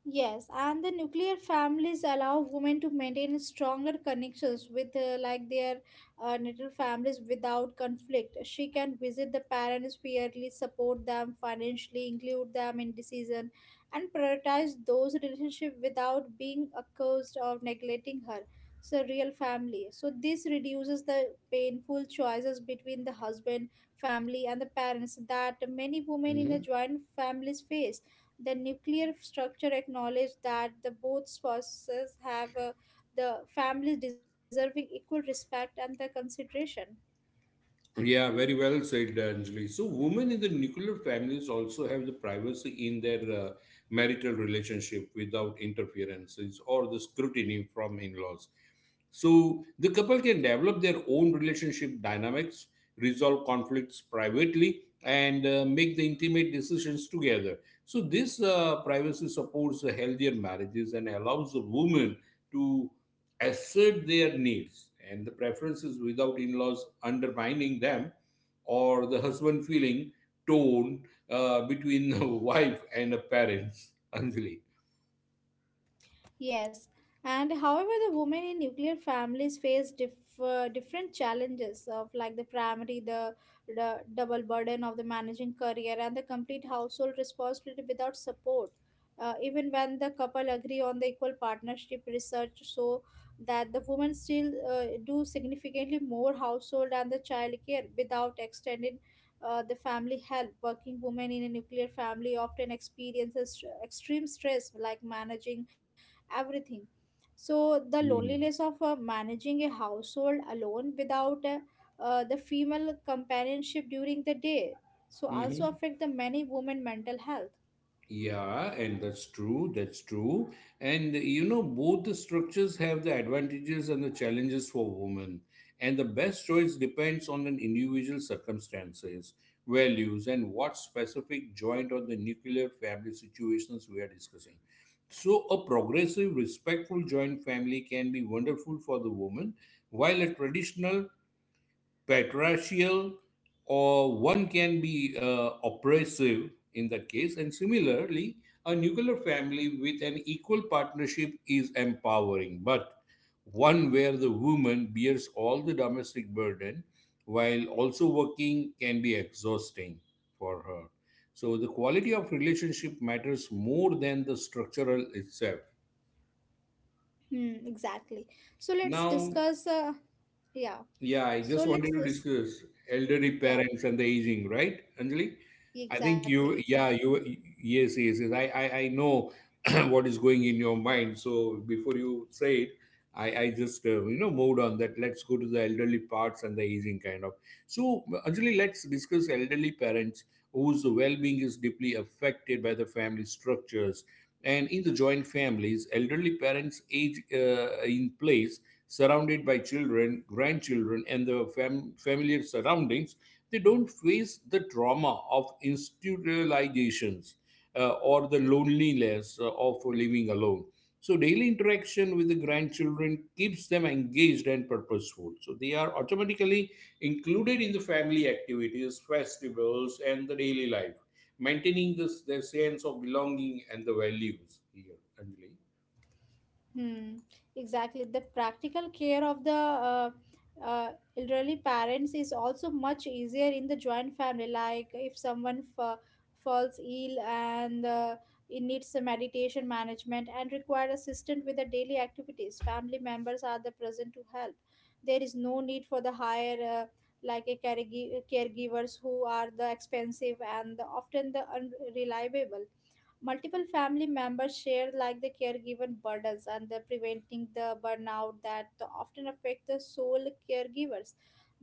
[SPEAKER 1] Yes, and the nuclear families allow women to maintain stronger connections with like their natal families without conflict. She can visit the parents fairly, support them financially, include them in decision, and prioritize those relationships without being accused of neglecting her. So real family. So this reduces the painful choices between the husband, family, and the parents that many women in
[SPEAKER 2] Anjali.
[SPEAKER 1] the joint families face. The nuclear structure acknowledged that the both spouses have the families deserving equal respect and the consideration.
[SPEAKER 2] Yeah, very well said, Anjali. So, women in the nuclear families also have the privacy in their marital relationship without interferences or the scrutiny from in laws. So the couple can develop their own relationship dynamics, resolve conflicts privately, and make the intimate decisions together. So this privacy supports the healthier marriages and allows the women to assert their needs and the preferences without in-laws undermining them or the husband feeling torn between a wife and a parents. Anjali.
[SPEAKER 1] Yes, and however, the women in nuclear families face different challenges of like the double burden of the managing career and the complete household responsibility without support. Even when the couple agree on the equal partnership research, so that the women still do significantly more household and the child care without extended the family help. Working women in a nuclear family often experiences extreme stress like managing everything. So the
[SPEAKER 2] Mm-hmm.
[SPEAKER 1] loneliness of managing a household alone without the female companionship during the day so also affect the many women mental health.
[SPEAKER 2] Yeah, and that's true. That's true. And you know, both the structures have the advantages and the challenges for women. And the best choice depends on an individual circumstances, values, and what specific joint or the nuclear family situations we are discussing. So, a progressive, respectful joint family can be wonderful for the woman, while a traditional patriarchal or one can be oppressive in that case, and similarly a nuclear family with an equal partnership is empowering, but one where the woman bears all the domestic burden while also working can be exhausting for her. So the quality of relationship matters more than the structural itself
[SPEAKER 1] Hmm, exactly. So let's
[SPEAKER 2] now.
[SPEAKER 1] discuss. Yeah.
[SPEAKER 2] Yeah, I
[SPEAKER 1] So
[SPEAKER 2] just
[SPEAKER 1] let's
[SPEAKER 2] wanted to
[SPEAKER 1] this.
[SPEAKER 2] discuss elderly
[SPEAKER 1] Yeah.
[SPEAKER 2] parents and the aging, right, Anjali? I
[SPEAKER 1] Exactly.
[SPEAKER 2] think you,
[SPEAKER 1] Exactly.
[SPEAKER 2] yeah, you, yes, yes, yes. I know what is going in your mind. So before you say it, I just, moved on that. Let's go to the elderly parts and the aging kind of. So, Anjali, let's discuss elderly parents whose well being is deeply affected by the family structures, and in the joint families, elderly parents age in place, surrounded by children, grandchildren, and the familiar surroundings. They don't face the trauma of institutionalizations or the loneliness of living alone. So, daily interaction with the grandchildren keeps them engaged and purposeful. So, they are automatically included in the family activities, festivals, and the daily life, maintaining this their sense of belonging and the values here, Anjali.
[SPEAKER 1] Hmm, exactly. The practical care of the uh, elderly parents is also much easier in the joint family. Like if someone falls ill and it needs a meditation management and require assistance with the daily activities, family members are the present to help. There is no need for the higher like a caregivers who are the expensive and the, often the unreliable. Multiple family members share like the caregiver burdens and the preventing the burnout that the often affect the sole caregivers.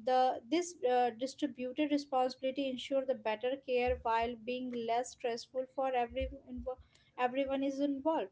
[SPEAKER 1] The this distributed responsibility ensure the better care while being less stressful for everyone is involved.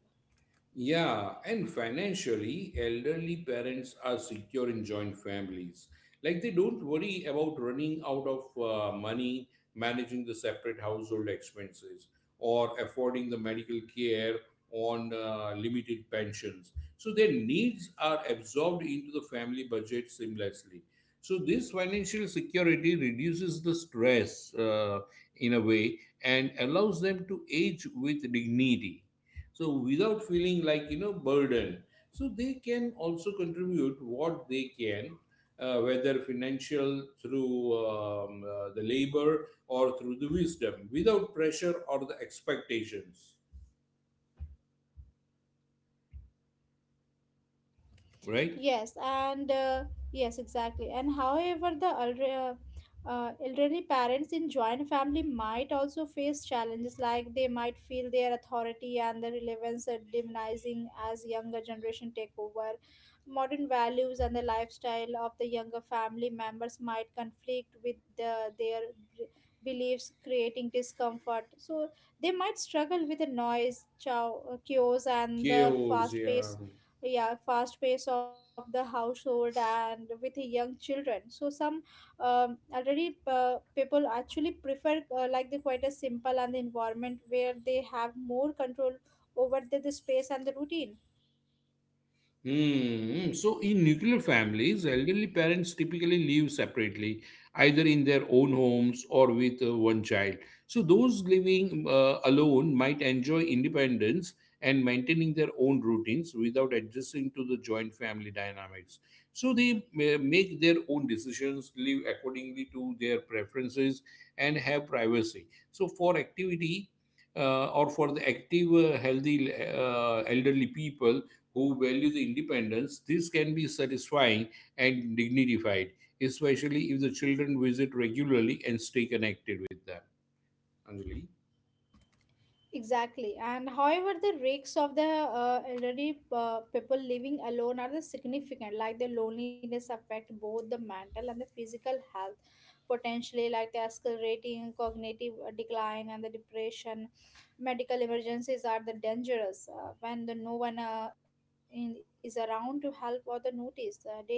[SPEAKER 2] Yeah, and financially, elderly parents are secure in joint families. Like they don't worry about running out of money, managing the separate household expenses, or affording the medical care on limited pensions. So their needs are absorbed into the family budget seamlessly. So this financial security reduces the stress in a way and allows them to age with dignity so without feeling like you know burden so they can also contribute what they can, whether financial through the labor or through the wisdom without pressure or the expectations, right.
[SPEAKER 1] Yes, and yes, exactly. And however, the elderly parents in joint family might also face challenges like they might feel their authority and the relevance are diminishing as younger generation take over. Modern values and the lifestyle of the younger family members might conflict with their b- beliefs, creating discomfort. So they might struggle with the noise, chaos, and the
[SPEAKER 2] Chaos,
[SPEAKER 1] fast
[SPEAKER 2] yeah.
[SPEAKER 1] pace, yeah, fast pace of the household and with young children. So some already people actually prefer like the quite a simple and the environment where they have more control over the space and the routine.
[SPEAKER 2] Hmm. So, in nuclear families, elderly parents typically live separately, either in their own homes or with one child. So, those living alone might enjoy independence and maintaining their own routines without adjusting to the joint family dynamics. So, they may make their own decisions, live accordingly to their preferences, and have privacy. So, for activity or for the active, healthy elderly people, who value the independence, this can be satisfying and dignified, especially if the children visit regularly and stay connected with them. Anjali?
[SPEAKER 1] Exactly. And however, the risks of the elderly people living alone are the significant, like the loneliness affect both the mental and the physical health, potentially like the accelerating cognitive decline and the depression. Medical emergencies are the dangerous when the no one is around to help or the notice. Uh, daily life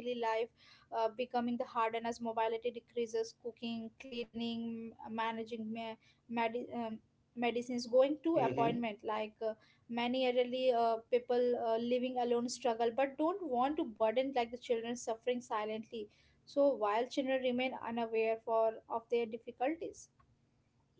[SPEAKER 1] becoming the harder as mobility decreases, cooking, cleaning, managing medi- um, medicines, going to appointment, like many elderly people living alone struggle but don't want to burden like the children, suffering silently so while children remain unaware for of their difficulties.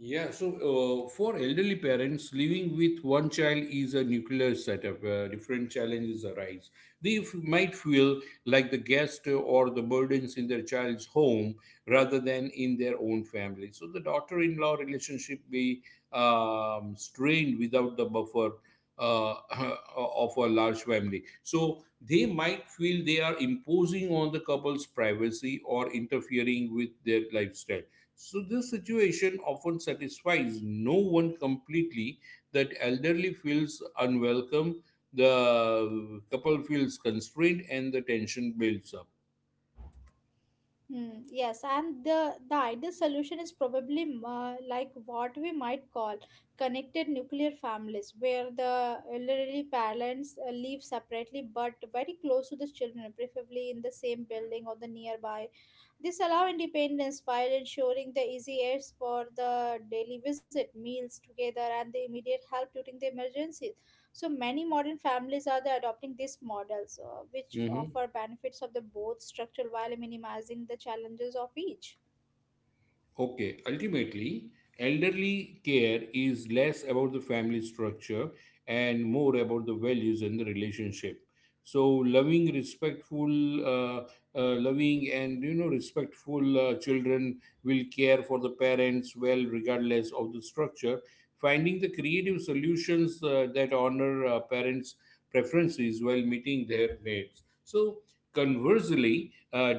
[SPEAKER 2] Yeah, so for elderly parents, living with one child is a nuclear setup. Different challenges arise. They might feel like the guest or the burdens in their child's home rather than in their own family. So the daughter in law relationship be strained without the buffer. Uh, of a large family. So they might feel they are imposing on the couple's privacy or interfering with their lifestyle, so this situation often satisfies no one completely. That elderly feels unwelcome, the couple feels constrained, and the tension builds up.
[SPEAKER 1] Hmm, yes, and the ideal solution is probably like what we might call connected nuclear families, where the elderly parents live separately but very close to the children, preferably in the same building or the nearby. This allow independence while ensuring the easy aids for the daily visit, meals together, and the immediate help during the emergencies. So many modern families are the adopting these models, which
[SPEAKER 2] Mhm.
[SPEAKER 1] offer benefits of the both structure while minimizing the challenges of each.
[SPEAKER 2] Okay, ultimately, elderly care is less about the family structure and more about the values and the relationship. So, uh, loving, and you know, respectful children will care for the parents well, regardless of the structure. Finding the creative solutions that honor parents' preferences while meeting their needs. So, conversely,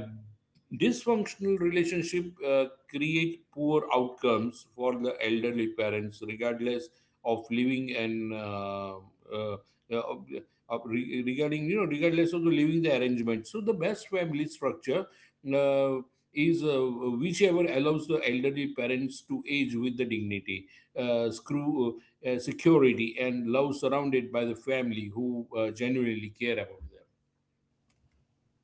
[SPEAKER 2] dysfunctional relationship create poor outcomes for the elderly parents, regardless of living uh, uh, regarding you know regardless of the living the arrangement. So the best family structure uh, is whichever allows the elderly parents to age with the dignity, screw security, and love, surrounded by the family who genuinely care about them.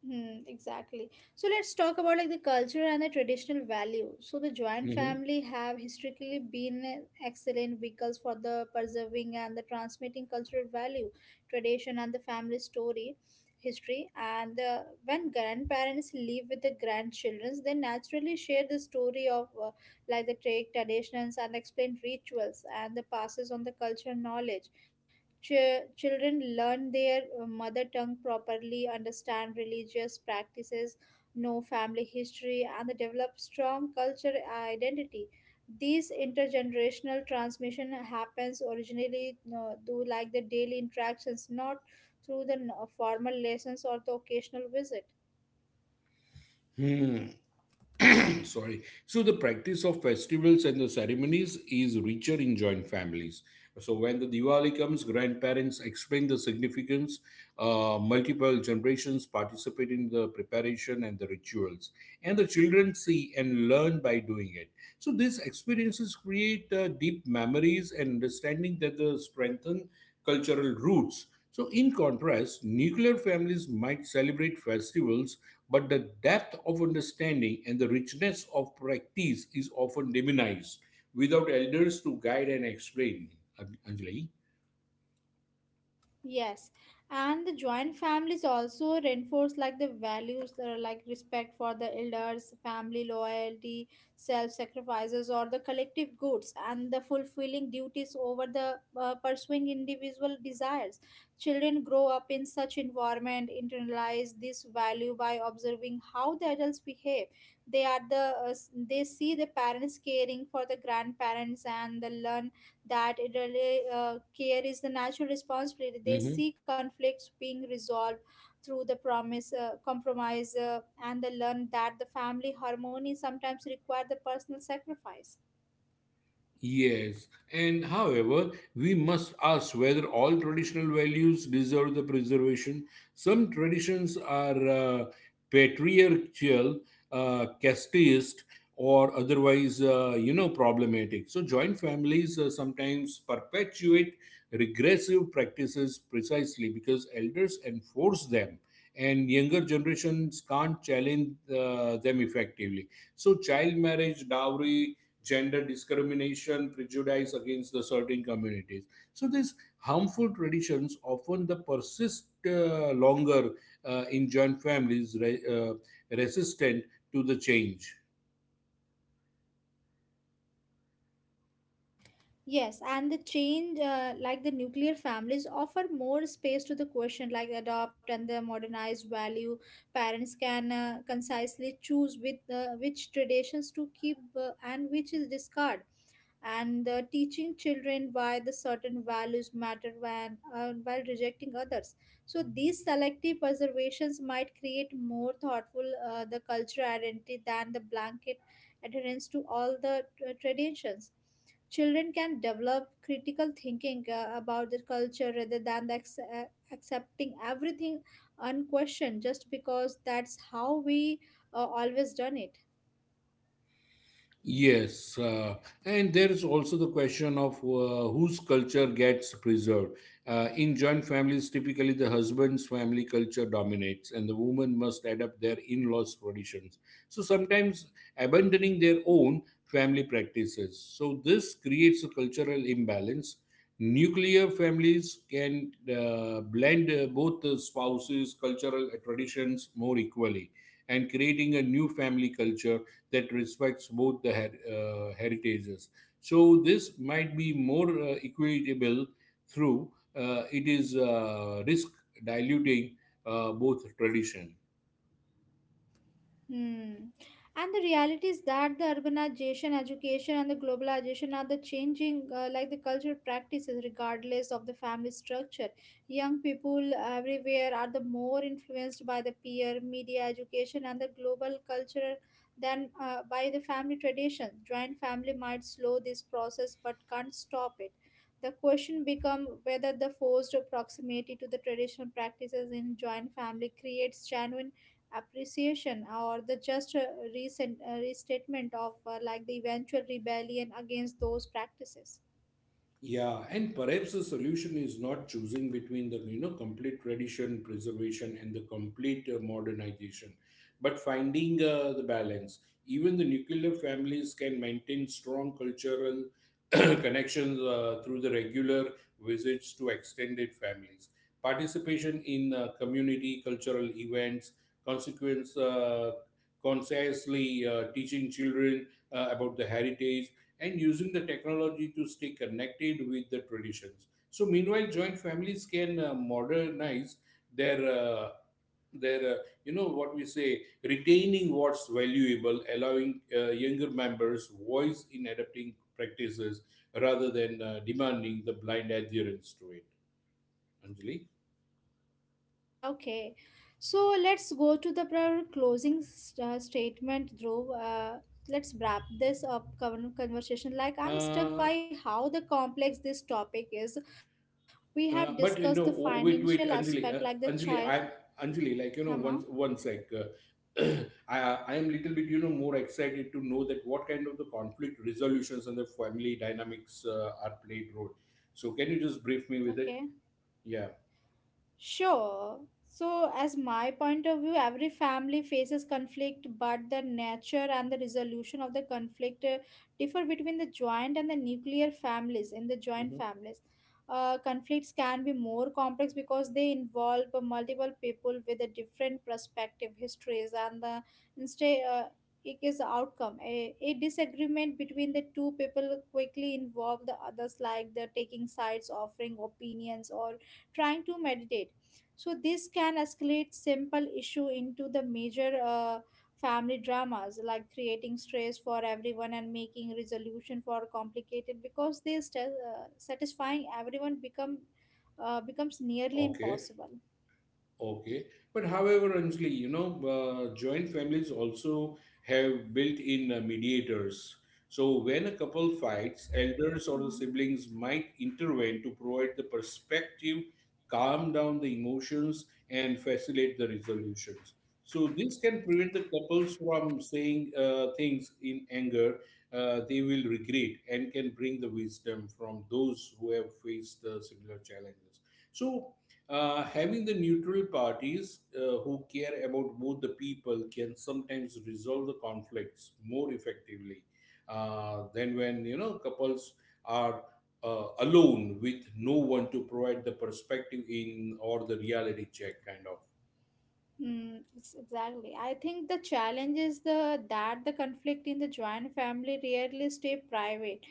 [SPEAKER 1] Hmm, exactly. So let's talk about like the culture and the traditional value. So the joint
[SPEAKER 2] Mhm.
[SPEAKER 1] family have historically been an excellent vehicles for the preserving and the transmitting cultural value, tradition and the family story, history. And when grandparents live with the grandchildren, they naturally share the story of like the trade traditions and explain rituals and the passes on the cultural knowledge. Children learn their mother tongue properly, understand religious practices, know family history, and they develop strong culture identity. These intergenerational transmission happens originally through like the daily interactions, not through the formal lessons or the occasional visit.
[SPEAKER 2] Hmm. Sorry, so the practice of festivals and the ceremonies is richer in joint families. So when the Diwali comes, grandparents explain the significance, multiple generations participate in the preparation and the rituals, and the children see and learn by doing it. So these experiences create deep memories and understanding that the strengthen cultural roots. So in contrast, nuclear families might celebrate festivals, but the depth of understanding and the richness of practice is often demonized without elders to guide and explain. Anjali?
[SPEAKER 1] Yes, and the joint families also reinforce like the values that are like respect for the elders, family loyalty, self-sacrifices, or the collective goods, and the fulfilling duties over the pursuing individual desires. Children grow up in such environment, internalize this value by observing how the adults behave. They are the they see the parents caring for the grandparents and the learn that it really care is the national responsibility. They see conflicts being resolved through the compromise, and they learn that the family harmony sometimes require the personal sacrifice.
[SPEAKER 2] Yes, and however, we must ask whether all traditional values deserve the preservation. Some traditions are patriarchal, casteist, or otherwise, you know, problematic. So, joint families sometimes perpetuate regressive practices precisely because elders enforce them, and younger generations can't challenge them effectively. So, child marriage, dowry, gender discrimination, prejudice against the certain communities. So these harmful traditions often the persist longer in joint families, resistant to the change.
[SPEAKER 1] Yes, and the change, like the nuclear families, offer more space to the question, like adopt and the modernized value. Parents can concisely choose with which traditions to keep and which is discard and teaching children why the certain values matter when while rejecting others, so these selective preservations might create more thoughtful the cultural identity than the blanket adherence to all the traditions. Children can develop critical thinking about the culture rather than accepting everything unquestioned just because that's how we always done it.
[SPEAKER 2] Yes, and there is also the question of whose culture gets preserved. In joint families, typically the husband's family culture dominates, and the woman must adapt their in laws' traditions. So sometimes abandoning their own family practices. So this creates a cultural imbalance. Nuclear families can blend both the spouses' cultural traditions more equally and creating a new family culture that respects both the heritages. So this might be more equitable through it is risk diluting both traditions.
[SPEAKER 1] Hmm. And the reality is that the urbanization, education, and the globalization are the changing, like the cultural practices, regardless of the family structure. Young people everywhere are the more influenced by the peer media education and the global culture than by the family tradition. Joint family might slow this process, but can't stop it. The question becomes whether the forced proximity to the traditional practices in joint family creates genuine appreciation or the just recent restatement of like the eventual rebellion against those practices.
[SPEAKER 2] Yeah, and perhaps the solution is not choosing between the you know complete tradition preservation and the complete modernization, but finding the balance. Even the nuclear families can maintain strong cultural connections through the regular visits to extended families, participation in community cultural events, consequence consciously teaching children about the heritage and using the technology to stay connected with the traditions. So, meanwhile, joint families can modernize their uh, their you know what we say, retaining what's valuable, allowing younger members voice in adapting practices rather than demanding the blind adherence to it. Anjali.
[SPEAKER 1] Okay, so let's go to the closing statement, Dhruv. Let's wrap this up conversation. Like, I'm struck
[SPEAKER 2] Uh,
[SPEAKER 1] by how the complex this topic is. We have discussed the
[SPEAKER 2] But you know,
[SPEAKER 1] financial
[SPEAKER 2] oh, wait,
[SPEAKER 1] aspect
[SPEAKER 2] wait,
[SPEAKER 1] like the
[SPEAKER 2] Anjali,
[SPEAKER 1] child.
[SPEAKER 2] Anjali, I'm Anjali. Like
[SPEAKER 1] Uh-huh.
[SPEAKER 2] you know, once, I, I am little bit, you know, more excited to know that what kind of the conflict resolutions and the family dynamics are played role. So, can you just brief me with it?
[SPEAKER 1] Okay.
[SPEAKER 2] Yeah.
[SPEAKER 1] Sure. So, as my point of view, every family faces conflict, but the nature and the resolution of the conflict differ between the joint and the nuclear families. In the joint
[SPEAKER 2] Hmm.
[SPEAKER 1] families, conflicts can be more complex because they involve multiple people with a different perspective, histories, and the instead. It is outcome a disagreement between the two people quickly involve the others like the taking sides, offering opinions, or trying to meditate. So this can escalate simple issue into the major family dramas, like creating stress for everyone and making resolution for complicated because satisfying everyone becomes nearly
[SPEAKER 2] Okay.
[SPEAKER 1] impossible.
[SPEAKER 2] Okay, but however, Anjali, you know, joint families also have built-in mediators. So when a couple fights, elders or the
[SPEAKER 1] Mhm.
[SPEAKER 2] siblings might intervene to provide the perspective, calm down the emotions, and facilitate the resolutions. So this can prevent the couples from saying things in anger they will regret and can bring the wisdom from those who have faced similar challenges. So having the neutral parties who care about both the people can sometimes resolve the conflicts more effectively than when you know couples are alone with no one to provide the perspective in or the reality check kind of.
[SPEAKER 1] Exactly. I think the challenge is the that the conflict in the joint family rarely stay private.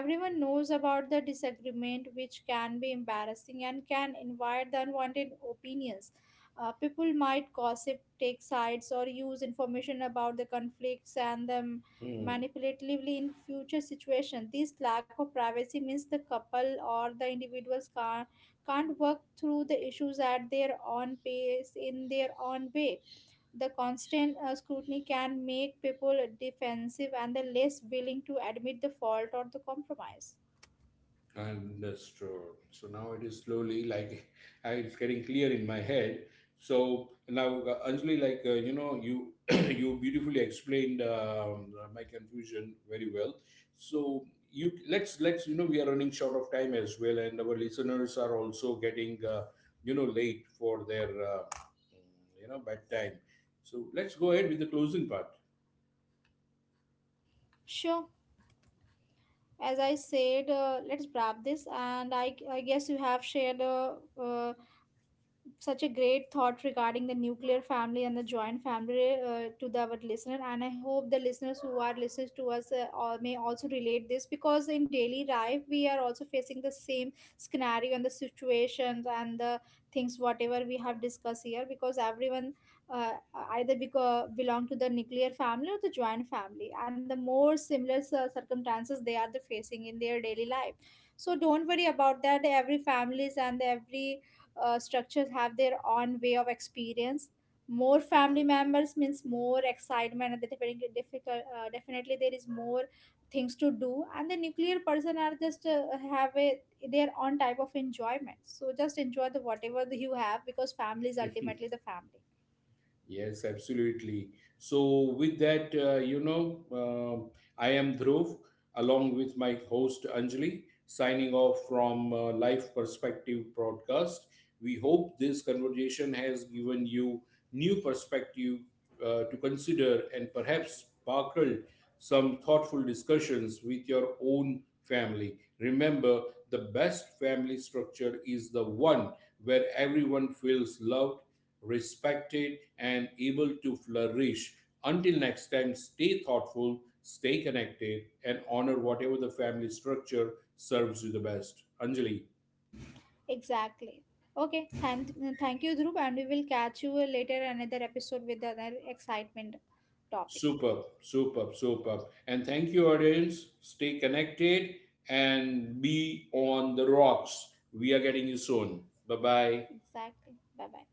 [SPEAKER 1] Everyone knows about the disagreement, which can be embarrassing and can invite the unwanted opinions. People might gossip, take sides, or use information about the conflicts and them
[SPEAKER 2] Hmm.
[SPEAKER 1] manipulatively in future situations. This lack of privacy means the couple or the individuals can't work through the issues at their own pace in their own way. The constant scrutiny can make people defensive and the less willing to admit the fault or the compromise.
[SPEAKER 2] Understood. So now it is slowly like it's getting clear in my head. So now, Anjali, like you know, you you beautifully explained my confusion very well. So you let's you know we are running short of time as well, and our listeners are also getting you know late for their you know bedtime. So let's go ahead with the closing part.
[SPEAKER 1] Sure. As I said, let's wrap this. And I guess you have shared uh, such a great thought regarding the nuclear family and the joint family to our listener. And I hope the listeners who are listening to us all may also relate this, because in daily life we are also facing the same scenario and the situations and the things whatever we have discussed here, because everyone uh, either belong to the nuclear family or the joint family and the more similar circumstances they are the facing in their daily life. So don't worry about that, every families and every structures have their own way of experience. More family members means more excitement and the definitely difficult, definitely there is more things to do, and the nuclear person are just have a their own type of enjoyment. So just enjoy the whatever you have, because family is ultimately the family.
[SPEAKER 2] Yes, absolutely. So, with that, you know, I am Dhruv along with my host Anjali, signing off from Life Perspective Broadcast. We hope this conversation has given you new perspective to consider and perhaps sparkled some thoughtful discussions with your own family. Remember, the best family structure is the one where everyone feels loved, respected, and able to flourish. Until next time, stay thoughtful, stay connected, and honor whatever the family structure serves you the best. Anjali,
[SPEAKER 1] Exactly. Okay, thank you, Dhruv, and we will catch you later another episode with another excitement topic.
[SPEAKER 2] superb, superb, superb. And thank you, audience. Stay connected and be on the rocks. We are getting you soon. Bye bye.
[SPEAKER 1] Exactly. Bye bye.